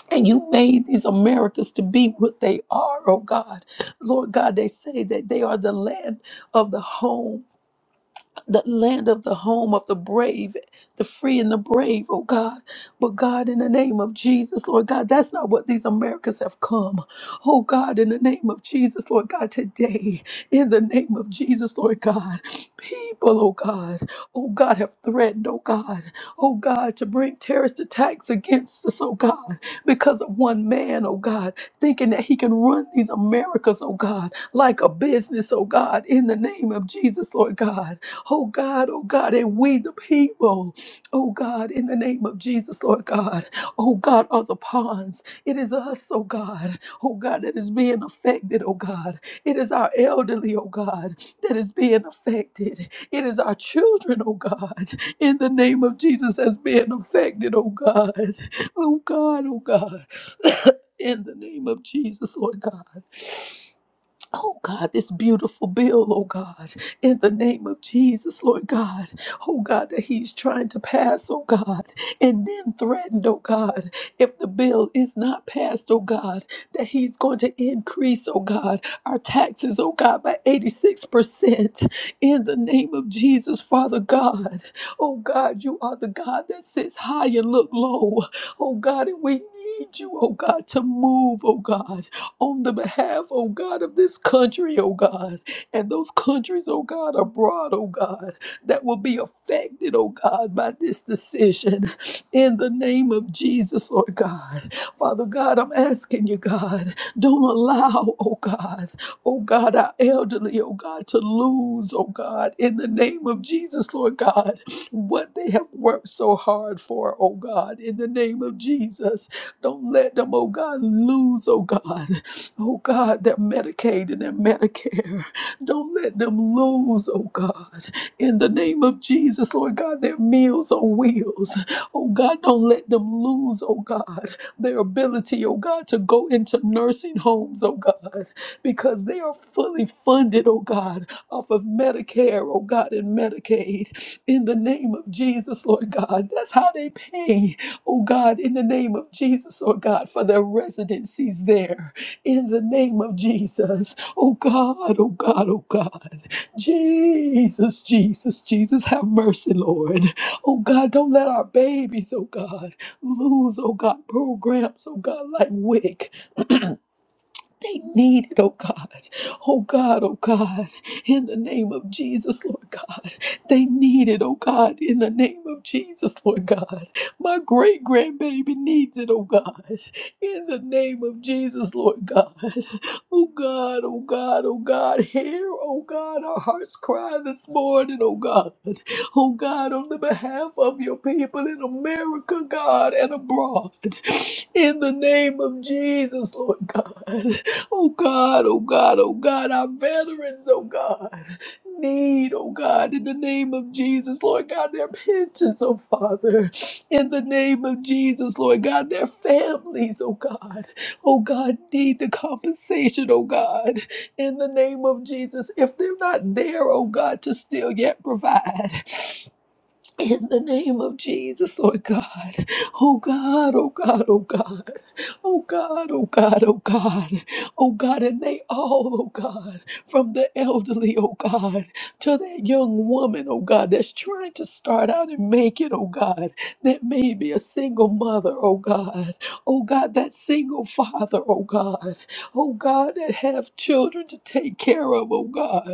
Speaker 3: And you made these Americas to be what they are, oh God. Lord God, they say that they are the land of the home the land of the home of the brave, the free and the brave, oh God. But God, in the name of Jesus, Lord God, that's not what these Americans have come. Oh God, in the name of Jesus, Lord God, today, in the name of Jesus, Lord God, people, oh God, oh God, have threatened, oh God, oh God, to bring terrorist attacks against us, oh God, because of one man, oh God, thinking that he can run these Americas, oh God, like a business, oh God, in the name of Jesus, Lord God. Oh God, oh God, and we the people, oh God, in the name of Jesus, Lord God, oh God, are the pawns. It is us, oh God, oh God, that is being affected, oh God. It is our elderly, oh God, that is being affected. It is our children, oh God, in the name of Jesus, that's being affected, oh God, oh God, oh God, in the name of Jesus, Lord God. Oh God, this beautiful bill, oh God, in the name of Jesus, Lord God, oh God, that he's trying to pass, oh God, and then threatened, oh God, if the bill is not passed, oh God, that he's going to increase, oh God, our taxes, oh God, by 86%. In the name of Jesus, Father God, oh God, you are the God that sits high and look low, oh God, and we need you, oh God, to move, oh God, on the behalf, oh God, of this country, oh God, and those countries, oh God, abroad, oh God, that will be affected, oh God, by this decision. In the name of Jesus, Lord God. Father God, I'm asking you, God, don't allow, oh God, oh God, our elderly, oh God, to lose, oh God, in the name of Jesus, Lord God, what they have worked so hard for, oh God, in the name of Jesus. Don't let them, oh God, lose, oh God, Oh God, their Medicaid and their Medicare. Don't let them lose, oh God. In the name of Jesus, Lord God, their meals on wheels. Oh God, don't let them lose, oh God, their ability, oh God, to go into nursing homes, oh God, because they are fully funded, oh God, off of Medicare, oh God, and Medicaid. In the name of Jesus, Lord God, that's how they pay, oh God, in the name of Jesus, Lord God, for their residencies there in the name of Jesus. Oh God, oh God, oh God. Jesus, Jesus, Jesus, have mercy, Lord. Oh God, don't let our babies, oh God, lose, oh God, programs, oh God, like WIC. They need it, oh God. Oh God, oh God, in the name of Jesus, Lord God. They need it, oh God, in the name of Jesus, Lord God. My great grandbaby needs it, oh God, in the name of Jesus, Lord God. Oh God, oh God, oh God, hear, oh God, our hearts cry this morning, oh God. Oh God, on the behalf of your people in America, God, and abroad in the name of Jesus, Lord God. Oh God, oh God, oh God, our veterans, oh God, need, oh God, in the name of Jesus, Lord God, their pensions, oh Father, in the name of Jesus, Lord God, their families, oh God, oh God, need the compensation, oh God, in the name of Jesus. If they're not there, oh God, to still yet provide. In the name of Jesus, Lord God. Oh God, oh God, oh God. Oh God, oh God, oh God. Oh God, and they all, oh God, from the elderly, oh God, to that young woman, oh God, that's trying to start out and make it, oh God, that may be a single mother, oh God. Oh God, that single father, oh God. Oh God, that have children to take care of, oh God.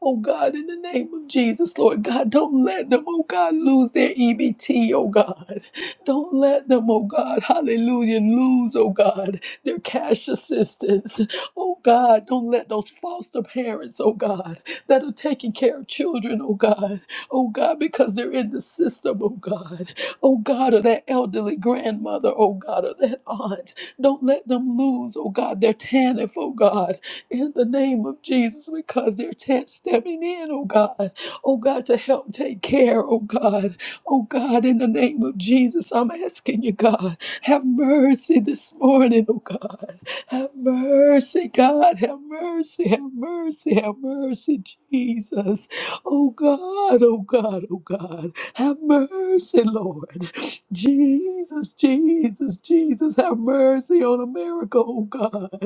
Speaker 3: Oh God, in the name of Jesus, Lord God, don't let them, oh God, lose their EBT, oh God. Don't let them, oh God, hallelujah, lose, oh God, their cash assistance. Oh God, don't let those foster parents, oh God, that are taking care of children, oh God, oh God, because they're in the system, oh God, oh God, or that elderly grandmother, oh God, or that aunt. Don't let them lose, oh God, their TANF, oh God in the name of Jesus because they're te- stepping in, oh God. Oh God, to help take care, oh God. Oh God, in the name of Jesus, I'm asking you, God, have mercy this morning, oh God. Have mercy, God. Have mercy, have mercy, have mercy, Jesus. Oh God, oh God, oh God. Have mercy, Lord. Jesus, Jesus, Jesus, have mercy on America, oh God.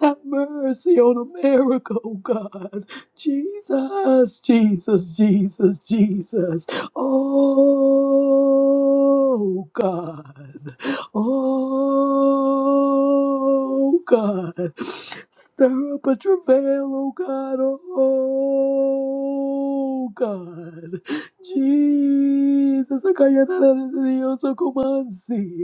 Speaker 3: Have mercy on America, oh God. Jesus, Jesus, Jesus, Jesus. Oh God. Oh God. Stir up a travail, oh God. Oh God. Jesus, I can't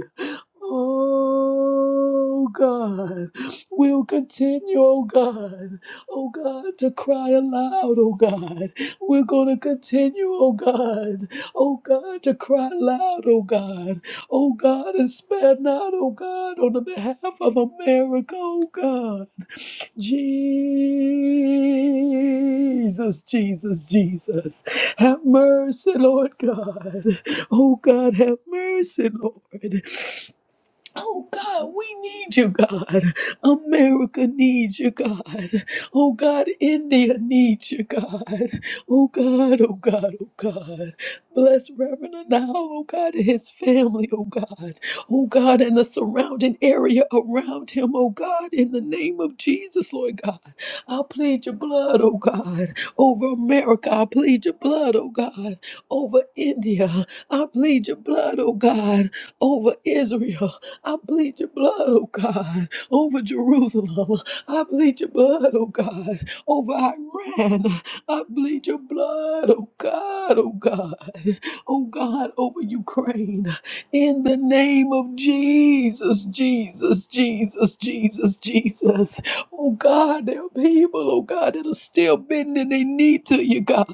Speaker 3: Oh God, we'll continue, oh God, oh God, to cry aloud, oh God. We're going to continue, oh God, oh God, to cry aloud. oh God, oh God, and spare not, oh God, on the behalf of America, oh God. Jesus, Jesus, Jesus, have mercy, Lord God. Oh God, have mercy, Lord. Oh God, we need you, God. America needs you, God. Oh God, India needs you, God. Oh God, oh God, oh God. Bless Reverend now, oh God, and his family, oh God. Oh God, and the surrounding area around him, oh God, in the name of Jesus, Lord God. I plead your blood, oh God, over America. I plead your blood, oh God, over India. I plead your blood, oh God, over Israel. I plead your blood, oh God, over Jerusalem. I plead your blood, oh God, over Iran. I plead your blood, oh God, oh God, oh God, over Ukraine. In the name of Jesus, Jesus, Jesus, Jesus, Jesus. Oh God, there are people, oh God, that are still bending their knee to you, God.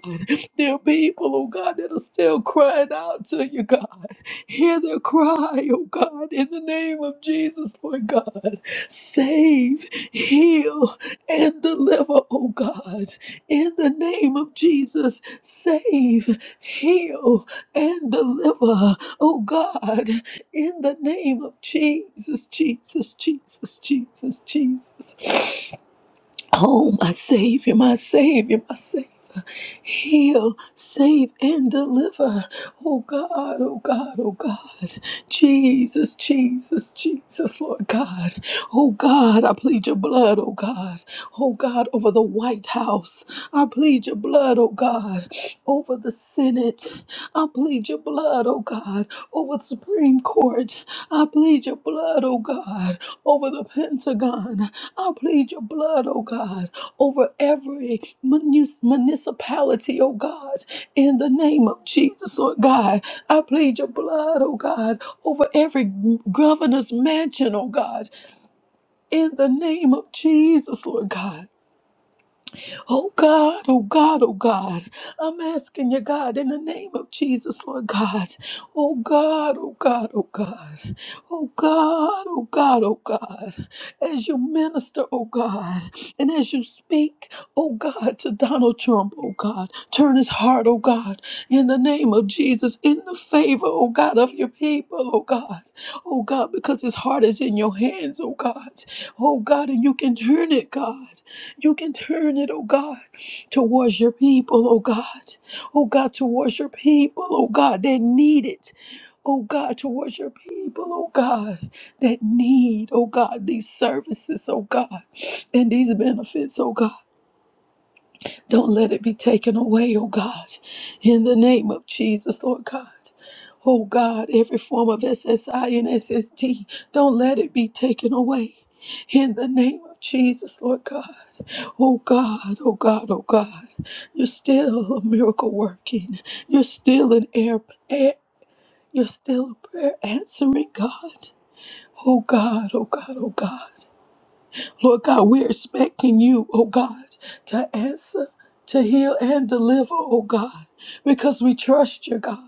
Speaker 3: There are people, oh God, that are still crying out to you, God. Hear their cry, oh God, in the name of Jesus, Lord God. Save, heal, and deliver, oh God. In the name of Jesus, save, heal, and deliver, oh God. In the name of Jesus, Jesus, Jesus, Jesus, Jesus. Oh, my Savior, my Savior, my Savior. Heal, save, and deliver. Oh God, oh God, oh God. Jesus, Jesus, Jesus, Lord God. Oh God, I plead your blood, oh God. Oh God, over the White House. I plead your blood, oh God. Over the Senate. I plead your blood, oh God. Over the Supreme Court. I plead your blood, oh God. Over the Pentagon. I plead your blood, oh God, over every munus- municipality, oh God, in the name of Jesus, Lord God. I plead your blood, oh God, over every governor's mansion, oh God, in the name of Jesus, Lord God. Oh God, oh God, oh God. I'm asking you, God, in the name of Jesus, Lord God. Oh God, oh God, oh God. Oh God, oh God, oh God. As you minister, oh God, and as you speak, oh God, to Donald Trump, oh God, turn his heart, oh God, in the name of Jesus, in the favor, oh God, of your people, oh God. Oh God, because his heart is in your hands, oh God. Oh God, and you can turn it, God. You can turn it, oh God, towards your people, oh God. Oh God, towards your people, oh God, that need it. Oh God, towards your people, oh God, that need, oh God, these services, oh God, and these benefits, oh God. Don't let it be taken away, oh God, in the name of Jesus, Lord God. Oh God, every form of SSI and SSD, don't let it be taken away. In the name of Jesus, Lord God. Oh God, oh God, oh God. You're still a miracle working. You're still an air, air you're still a prayer answering God. Oh God, oh God, oh God. Lord God, we're expecting you, oh God, to answer, to heal and deliver, oh God, because we trust you, God.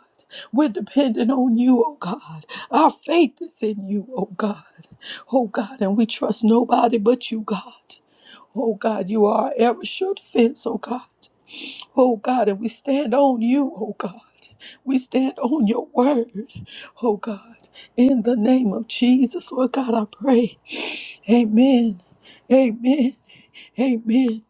Speaker 3: We're dependent on you, oh God. Our faith is in you, oh God. Oh God, and we trust nobody but you, God. Oh God, you are our ever sure defense, oh God. Oh God, and we stand on you, oh God. We stand on your word, oh God. In the name of Jesus, Lord God, I pray. Amen. Amen. Amen.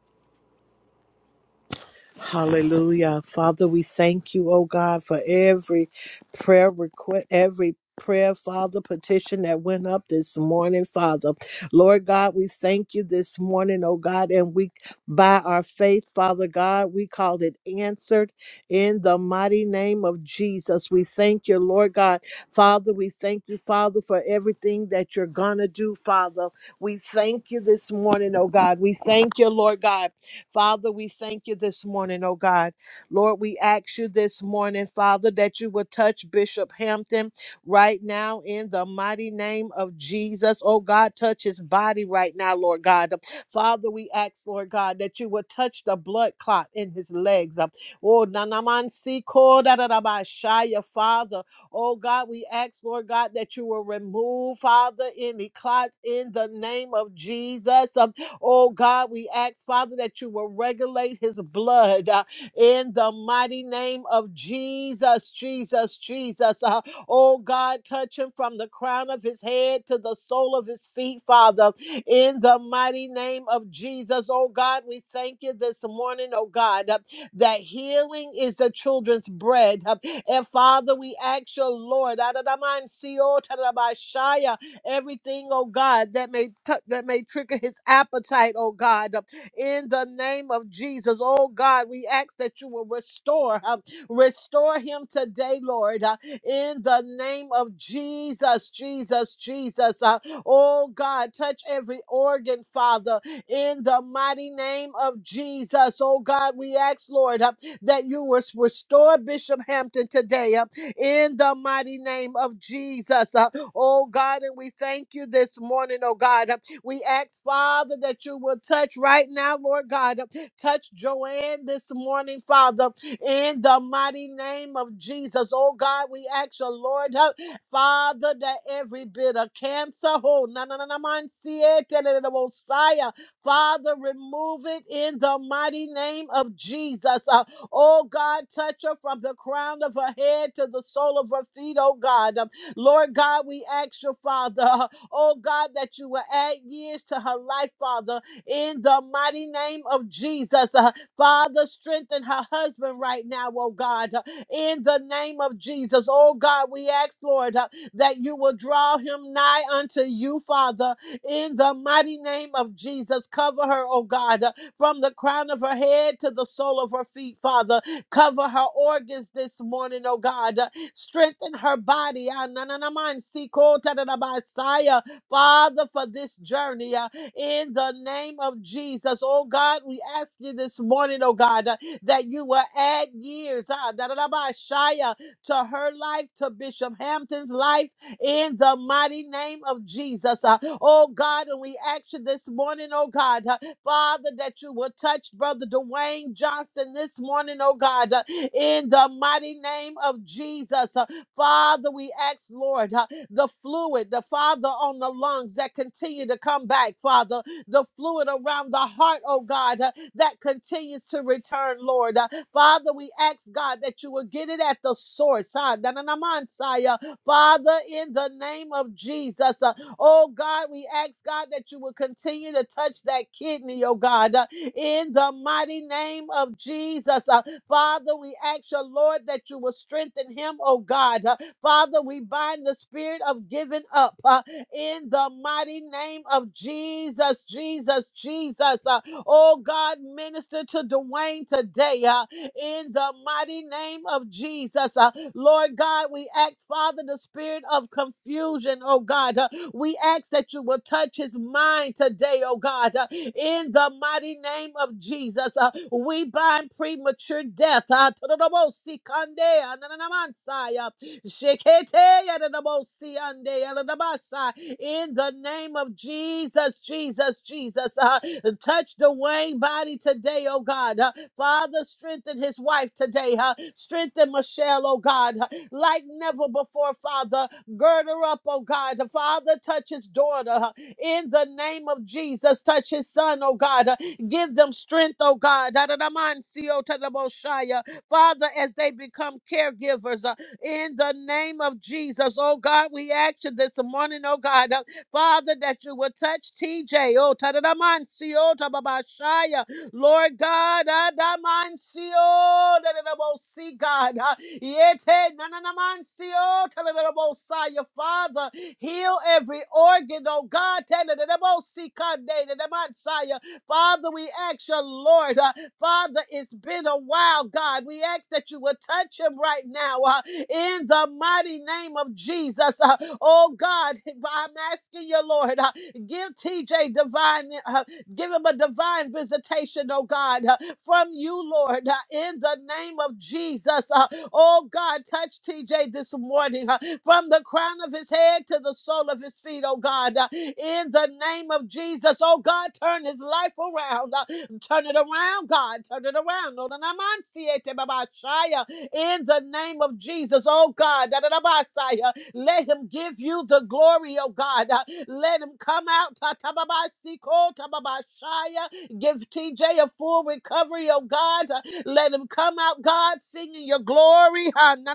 Speaker 4: Hallelujah. Father, we thank you, oh God, for every prayer request, every prayer, Father, petition that went up this morning, Father. Lord God, we thank you this morning, oh God, and we, by our faith, Father God, we called it answered in the mighty name of Jesus. We thank you, Lord God. Father, we thank you, Father, for everything that you're going to do, Father. We thank you this morning, oh God. We thank you, Lord God. Father, we thank you this morning, oh God. Lord, we ask you this morning, Father, that you would touch Bishop Hampton right now in the mighty name of Jesus. Oh God, touch his body right now, Lord God. Father, we ask, Lord God, that you would touch the blood clot in his legs. Oh, nanaman si ko da da da ba shaya, Father. Oh God, we ask, Lord God, that you will remove, Father, any clots in the name of Jesus. Oh God, we ask, Father, that you will regulate his blood uh, in the mighty name of Jesus, Jesus, Jesus. Uh, oh God, touch him from the crown of his head to the sole of his feet, Father, in the mighty name of Jesus. Oh God, we thank you this morning, oh God, uh, that healing is the children's bread. Uh, and Father, we ask your Lord, Adonai, Sio Tarabashaya, everything, oh God, that may tou- that may trigger his appetite, oh God, uh, in the name of Jesus, oh God, we ask that you will restore, um, restore him today, Lord, uh, in the name of Jesus, Jesus, Jesus, uh, oh God, touch every organ, Father, in the mighty name of Jesus, oh God, we ask, Lord, uh, that you will restore Bishop Hampton today, uh, in the mighty name of Jesus. Uh, Oh God, and we thank you this morning, oh God. We ask, Father, that you will touch right now, Lord God. Touch Joanne this morning, Father, in the mighty name of Jesus. Oh God, we ask you, Lord, uh, Father, that every bit of cancer, oh, na na na na man, see it, and it will Messiah. Father, remove it in the mighty name of Jesus. Uh, Oh God, touch her from the crown of her head to the sole of her feet, oh God. Lord God, we ask your Father, oh God, that you will add years to her life, Father, in the mighty name of Jesus. Uh, Father, strengthen her husband right now, oh God, uh, in the name of Jesus. Oh God, we ask, Lord, uh, that you will draw him nigh unto you, Father, in the mighty name of Jesus. Cover her, oh God, uh, from the crown of her head to the sole of her feet, Father. Cover her organs this morning, oh God, Strengthen her body. Ah, na, na, na, man, si, ko, ta, da, da, ba, si, ah. Father, for this journey ah, in the name of Jesus. Oh God, we ask you this morning, oh God, ah, that you will add years ah, da, da, da, ba, si, ah, to her life, to Bishop Hampton's life in the mighty name of Jesus. Uh, oh God, and we ask you this morning, oh God, uh, Father, that you will touch Brother Dwayne Johnson this morning, oh God, uh, in the mighty name of Jesus. Uh, Father, we ask, Lord, uh, the fluid, the Father on the lungs that continue to come back, Father, the fluid around the heart, oh God, uh, that continues to return, Lord. Uh, Father, we ask, God, that you will get it at the source. huh? Da-na-na-man-saya. Father, in the name of Jesus, uh, Oh God, we ask God that you will continue to touch that kidney, oh God, uh, in the mighty name of Jesus. Uh, Father, we ask your Lord that you will strengthen him, oh God. Uh, Father, we bind the spirit of giving up uh, in the mighty name of Jesus, Jesus, Jesus. Uh, oh God, minister to Dwayne today uh, in the mighty name of Jesus. Uh, Lord God, we ask, Father, the spirit of confusion, oh God. Uh, we ask that you will touch his mind today, oh God, uh, in the mighty name of Jesus. Uh, we bind premature death. uh, Tadadabosi kande ananamansai, uh, shekete yadadabosi ande yadadabasai. In the name of Jesus, Jesus, Jesus, uh, touch Dwayne body today, oh God. Uh, Father, strengthen his wife today. Uh, strengthen Michelle, oh God, uh, like never before, Father. Gird her up, oh God. The Father, touch his daughter uh, in the name of Jesus. Touch his son, oh God. Uh, Give them strength, oh God. Da-da-da-man-sio, ta da bo Father, as they become caregivers uh, in the name of Jesus, oh God, we ask you this morning, oh God, uh, Father, that you will touch TJ, oh da da man sio ta ba ba Lord God, Adamancio, see God, uh, Yete, Nananamancio, Taladabosai, your Father, heal every organ, oh God, Taladabosai, Kande, Dadamansai, uh, Father, we ask you, Lord, uh, Father, it's been a while, God, we ask that you would touch him right now, uh, in the mighty name of Jesus, uh, oh God, I'm asking you, Lord, uh, give TJ divine uh, Give him a divine visitation, oh God, uh, from you, Lord, uh, in the name of Jesus. Uh, Oh God, touch TJ this morning uh, from the crown of his head to the sole of his feet, oh God, uh, in the name of Jesus. Oh God, turn his life around. uh, Turn it around, God. Turn it around. No, no, no, man, see it, eh, Baba, Shia, In the name of Jesus, oh God, da, da, da, ba, Shia, let him give you the glory, oh God. Uh, let him come out. Ta Ta ba ba ba ba shaya. Give TJ a full recovery, oh God. Uh, Let him come out, God, singing your glory. Ha, ba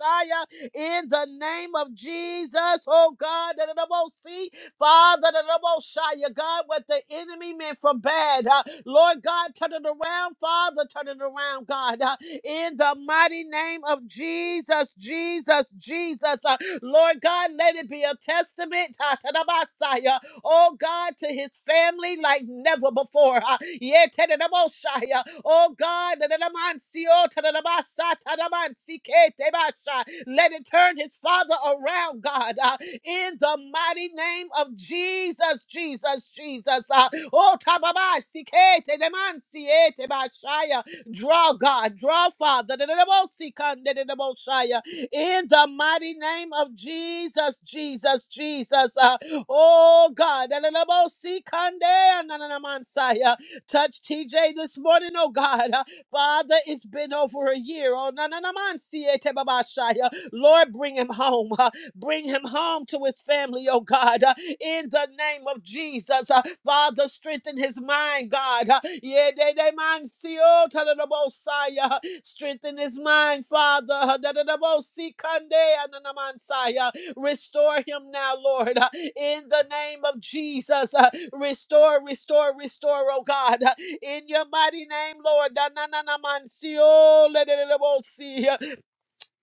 Speaker 4: shaya. In the name of Jesus, oh God. Dadadabosi, Father, Dadadaboshaya, God, what the enemy meant for bad. uh, Lord God, turn it around. Father, turn it around, God in the mighty name of Jesus, Jesus, Jesus. Uh, Lord God, let it be a testament, uh, to the Messiah, oh God, to his family like never before. uh, yeah, to the Messiah, Oh God, to the Messiah, oh, to the Messiah, to the Messiah, to the Messiah. let it turn his father around, God, uh, in the mighty name of Jesus, Jesus, Jesus. uh, Oh, Tababa, Sikete, Demansiete, Bashaya. Draw, God. Draw, Father. In the mighty name of Jesus, Jesus, Jesus. Uh, Oh, God. Touch TJ this morning, oh, God. Uh, Father, it's been over a year. Oh, na na na man, siete babashaya. Lord, bring him home. Uh, Bring him home to his family, oh God, uh, in the name of Jesus. Uh, Father, strengthen his mind, God. Uh, yeah, they, they mind, see, oh, ta-da-da-bo-sai, uh, strengthen his mind, Father. Uh, da-da-da-bo-si, kande, ananamansai, uh, Restore him now, Lord, uh, in the name of Jesus. Uh, Restore, restore, restore, oh God, uh, in your mighty name, Lord. Da-na-na-na-man, see, oh, le de le le bo si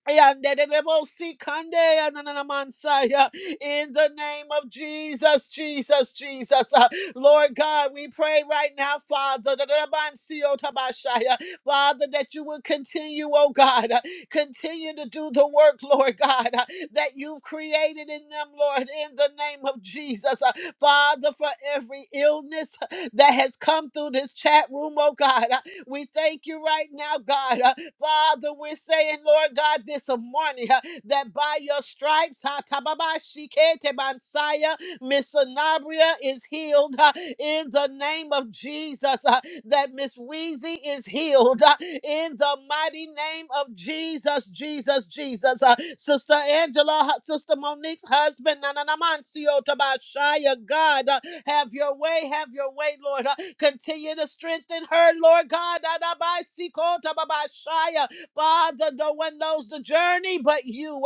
Speaker 4: Yandererebosikandeya nananamansaya. In the name of Jesus, Jesus, Jesus. Uh, Lord God, we pray right now, Father, Dadadabansiyotabashaya. Father, that you would continue, oh God, uh, continue to do the work, Lord God, uh, that you've created in them, Lord, in the name of Jesus. Uh, Father, for every illness that has come through this chat room, oh God, uh, we thank you right now, God. uh, Father, we're saying, Lord God, this morning uh, that by your stripes, ha, tababa, shikete, bansaya, Miss Sanabria is healed uh, in the name of Jesus. uh, that Miss Wheezy is healed uh, in the mighty name of Jesus, Jesus, Jesus. Uh, Sister Angela, hu- Sister Monique's husband, Nananamancio Tabashaya, God, uh, have your way, have your way, Lord. Uh, Continue to strengthen her, Lord God. Father, no one knows the journey but you.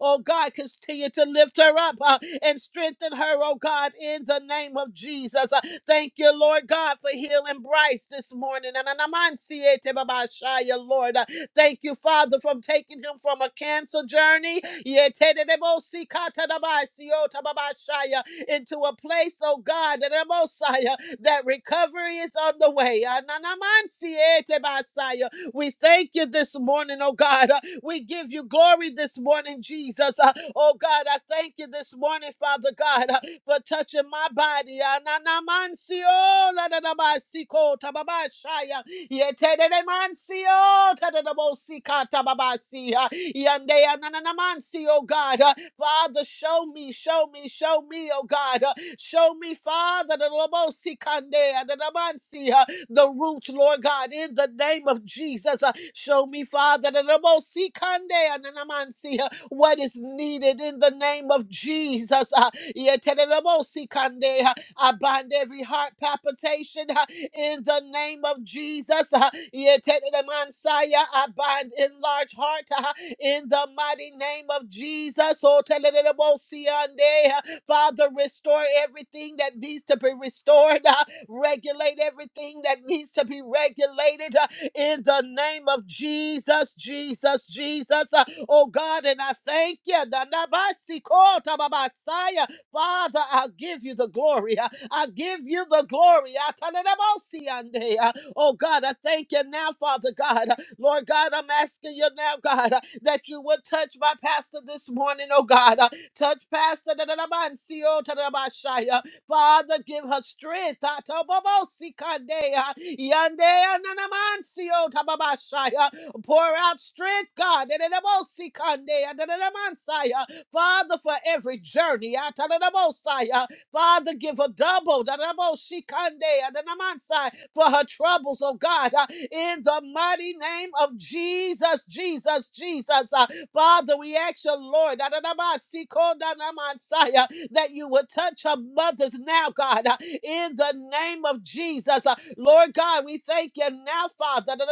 Speaker 4: Oh God, continue to lift her up uh, and strengthen her, oh God, in the name of Jesus. Uh, thank you, Lord God, for healing Bryce this morning. Ananamansietebabashaya, Lord, Uh, thank you, Father, from taking him from a cancer journey Yetenemosikatanabasiotababashaya, into a place, oh God, that Mosiah, that recovery is on the way. Ananamansietebasaya. We thank you this morning, oh God. Uh, We give you glory this morning, Jesus. Uh, Oh God, I thank you this morning, Father God for touching my body. Ananamancio, ladadabasiko, tababashaya. Yetededemancio, tadadabosika, tababasiya. Yandea, nananamancio, God. Uh, Father, show me, show me, show me, oh God. Uh, Show me, Father, the Lobosi Kandea, the Namansi the roots, Lord God, in the name of Jesus. Uh, Show me, Father, that the Ramosi Kande and the Namansi, uh, what is needed in the name of Jesus. Uh, yete the Ramosi Kande, uh, I bind every heart palpitation uh, in the name of Jesus. Uh, yete the Mansaya, I bind enlarged heart uh, in the mighty name of Jesus. Oh, tele the Ramosi Ande, uh, Father, restore everything that needs to be restored. uh, Regulate everything that needs to be regulated uh, in the name of Jesus, Jesus, Jesus. Uh, Oh God, and I thank you. Na- na- ba- si- ko- ta- ba- ba- sa- ya. Father, I give you the glory. I I give you the glory. I tell it about see on Uh, Oh God, I thank you now, Father God. Uh, Lord God, I'm asking you now, God, uh, that you would touch my pastor this morning, oh God. Uh, Touch pastor. da- da- da- ba- and see, oh, ta- da- da- ba- shy. Father, give her strength. Atabobosikandea, yandea nanamansio tababashaya. Pour out strength, God. Dedebosikandea, dedemansaya. Father, for every journey. Atadabosaya. Father, give her double. Dadabosikandea, dedemansaya, For her troubles, oh God. Uh, In the mighty name of Jesus, Jesus, Jesus. Uh, Father, we ask you, Lord. Dadadabasiko danamansaya that you would touch her mothers now, God, uh, in the name of Jesus. Uh, Lord God, we thank you now, Father, that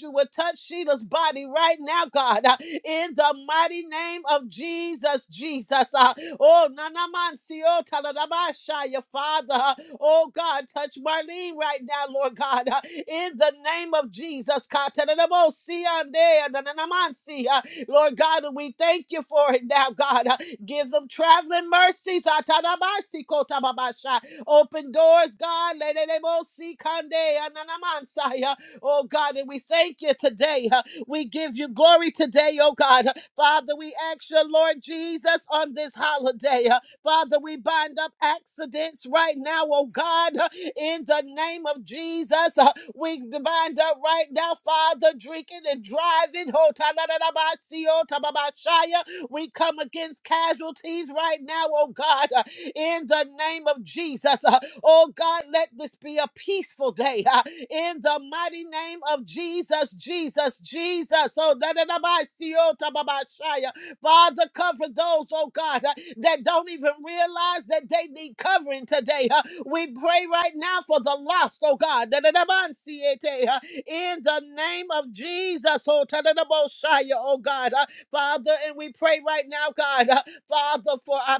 Speaker 4: you would touch Sheila's body right now, God, uh, in the mighty name of Jesus, Jesus. Uh, Oh, Nanamansio Taladabashaya, Father. Uh, Oh, God, touch Marlene right now, Lord God. uh, In the name of Jesus. Katanadabosia, Dea, Nananamansi. Lord God, and we thank you for it now, God. Uh, Give them traveling mercies. Atanamasi kotababasha. Open doors, God. Lelelemosi kande ananamansaya. Oh God, and we thank you today. Uh, We give you glory today, oh God. Uh, Father, we ask you, Lord Jesus, on this holiday. uh, Father, we bind up accidents right now, oh God. Uh, in the name of Jesus. Uh, We bind up right now, Father, drinking and driving. Ho ta la la la ba si ba ba shaya. We come against casualties right now, oh God, uh, in the name of Jesus. Uh, Oh God, let this be a peaceful day uh, in the mighty name of Jesus, Jesus, Jesus. Oh, da da da ba si ba ba shaya. Father, cover those, oh God, uh, that don't even realize that they need covering today. uh. We pray right now for the lost, oh God. Da-da-da-ban-si-ete, uh, In the name of Jesus, oh ta-da-da-bo-shia, oh God. uh, Father, and we pray right now, God, uh, Father, for our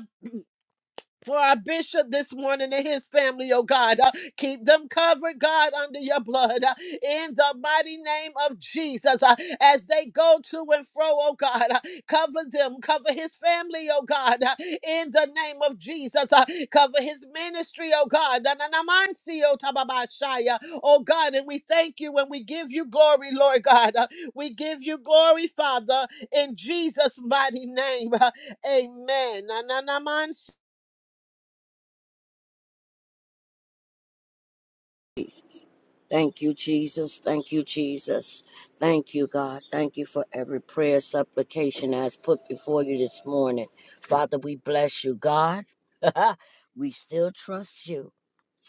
Speaker 4: for our bishop this morning and his family, oh God. Uh, keep them covered, God, under your blood. uh, in the mighty name of Jesus, uh, as they go to and fro, oh God, uh, cover them, cover his family, oh God, uh, in the name of Jesus, uh, cover his ministry, oh God. Na- na- na- man si, Oh tababashaya. Oh, God, and we thank you and we give you glory, Lord God. Uh, we give you glory, Father, in Jesus' mighty name. Uh, amen. Na- na- na- man
Speaker 1: Thank you, Jesus. Thank you, Jesus. Thank you, God. Thank you for every prayer, supplication as put before you this morning. Father, we bless you, God. we still trust you.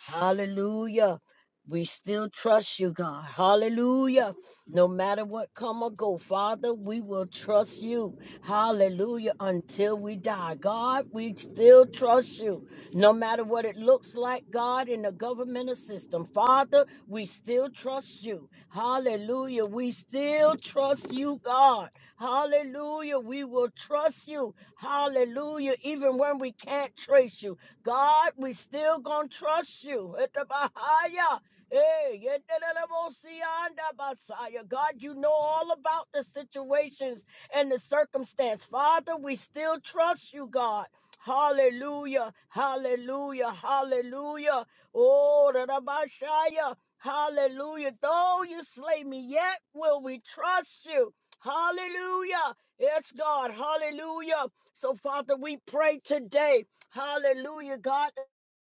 Speaker 1: Hallelujah. We still trust you, God. Hallelujah. No matter what come or go, Father, we will trust you. Hallelujah. Until we die. God, we still trust you. No matter what it looks like, God, in the governmental system. Father, we still trust you. Hallelujah. We still trust you, God. Hallelujah. We will trust you. Hallelujah. Even when we can't trace you. God, we still gonna trust you. Etabahaya. Hey, yetelelebosianda basaya. God, you know all about the situations and the circumstance. Father, we still trust you, God. Hallelujah, hallelujah, hallelujah. Oh, Rabashaya, hallelujah. Though you slay me, yet will we trust you. Hallelujah. Yes, God. Hallelujah. So, Father, we pray today. Hallelujah, God,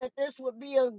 Speaker 1: that this would be a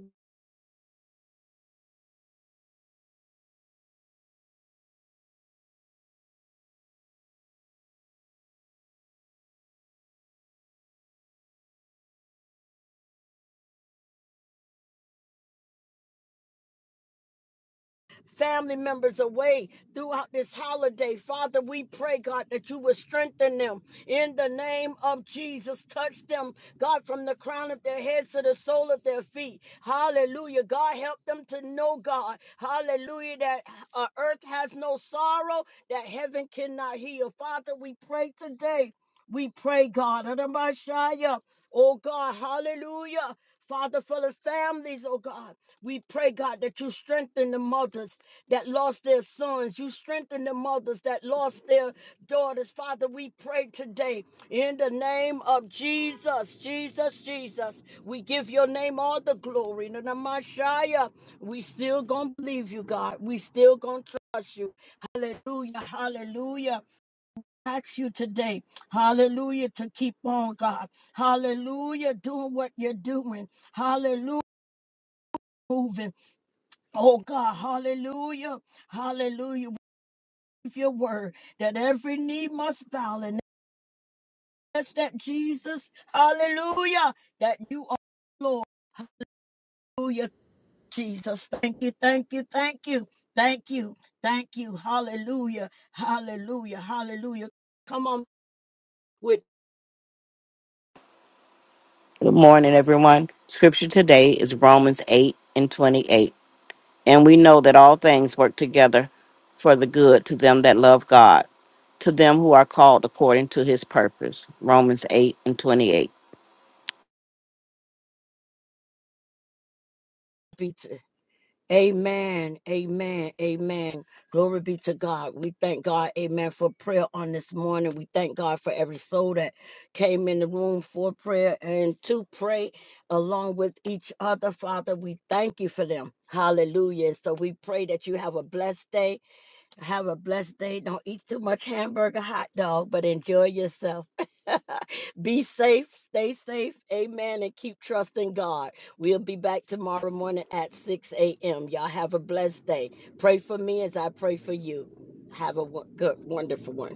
Speaker 1: family members away throughout this holiday. Father, we pray, God, that you would strengthen them in the name of Jesus. Touch them, God, from the crown of their heads to the sole of their feet. Hallelujah. God, help them to know, God, hallelujah, that uh, earth has no sorrow, that heaven cannot heal. Father, we pray today. We pray, God, Adonai, oh God, hallelujah. Father, for the families, oh God, we pray, God, that you strengthen the mothers that lost their sons. You strengthen the mothers that lost their daughters. Father, we pray today in the name of Jesus, Jesus, Jesus. We give your name all the glory. In the name of Messiah, we still gonna believe you, God. We still gonna trust you. Hallelujah, hallelujah. Ask you today, hallelujah, to keep on, God. Hallelujah, doing what you're doing. Hallelujah, moving. Oh, God, hallelujah. Hallelujah your word that every knee must bow and that's that Jesus, hallelujah, that you are Lord, hallelujah, Jesus. Thank you, thank you, thank you, thank you, thank you, hallelujah, hallelujah, hallelujah. Come on with
Speaker 5: Good morning, everyone. Scripture today is Romans 8 and 28. And we know that all things work together for the good to them that love God, to them who are called according to his purpose. Romans 8 and 28.
Speaker 1: me Amen. Amen. Amen. Glory be to God. We thank God. Amen. For prayer on this morning. We thank God for every soul that came in the room for prayer and to pray along with each other. Father, we thank you for them. Hallelujah. So we pray that you have a blessed day. Have a blessed day. Don't eat too much hamburger, hot dog, but enjoy yourself. Be safe, stay safe. Amen. And keep trusting God. We'll be back tomorrow morning at 6 a.m. Y'all have a blessed day. Pray for me as I pray for you. Have a wo- good, wonderful one.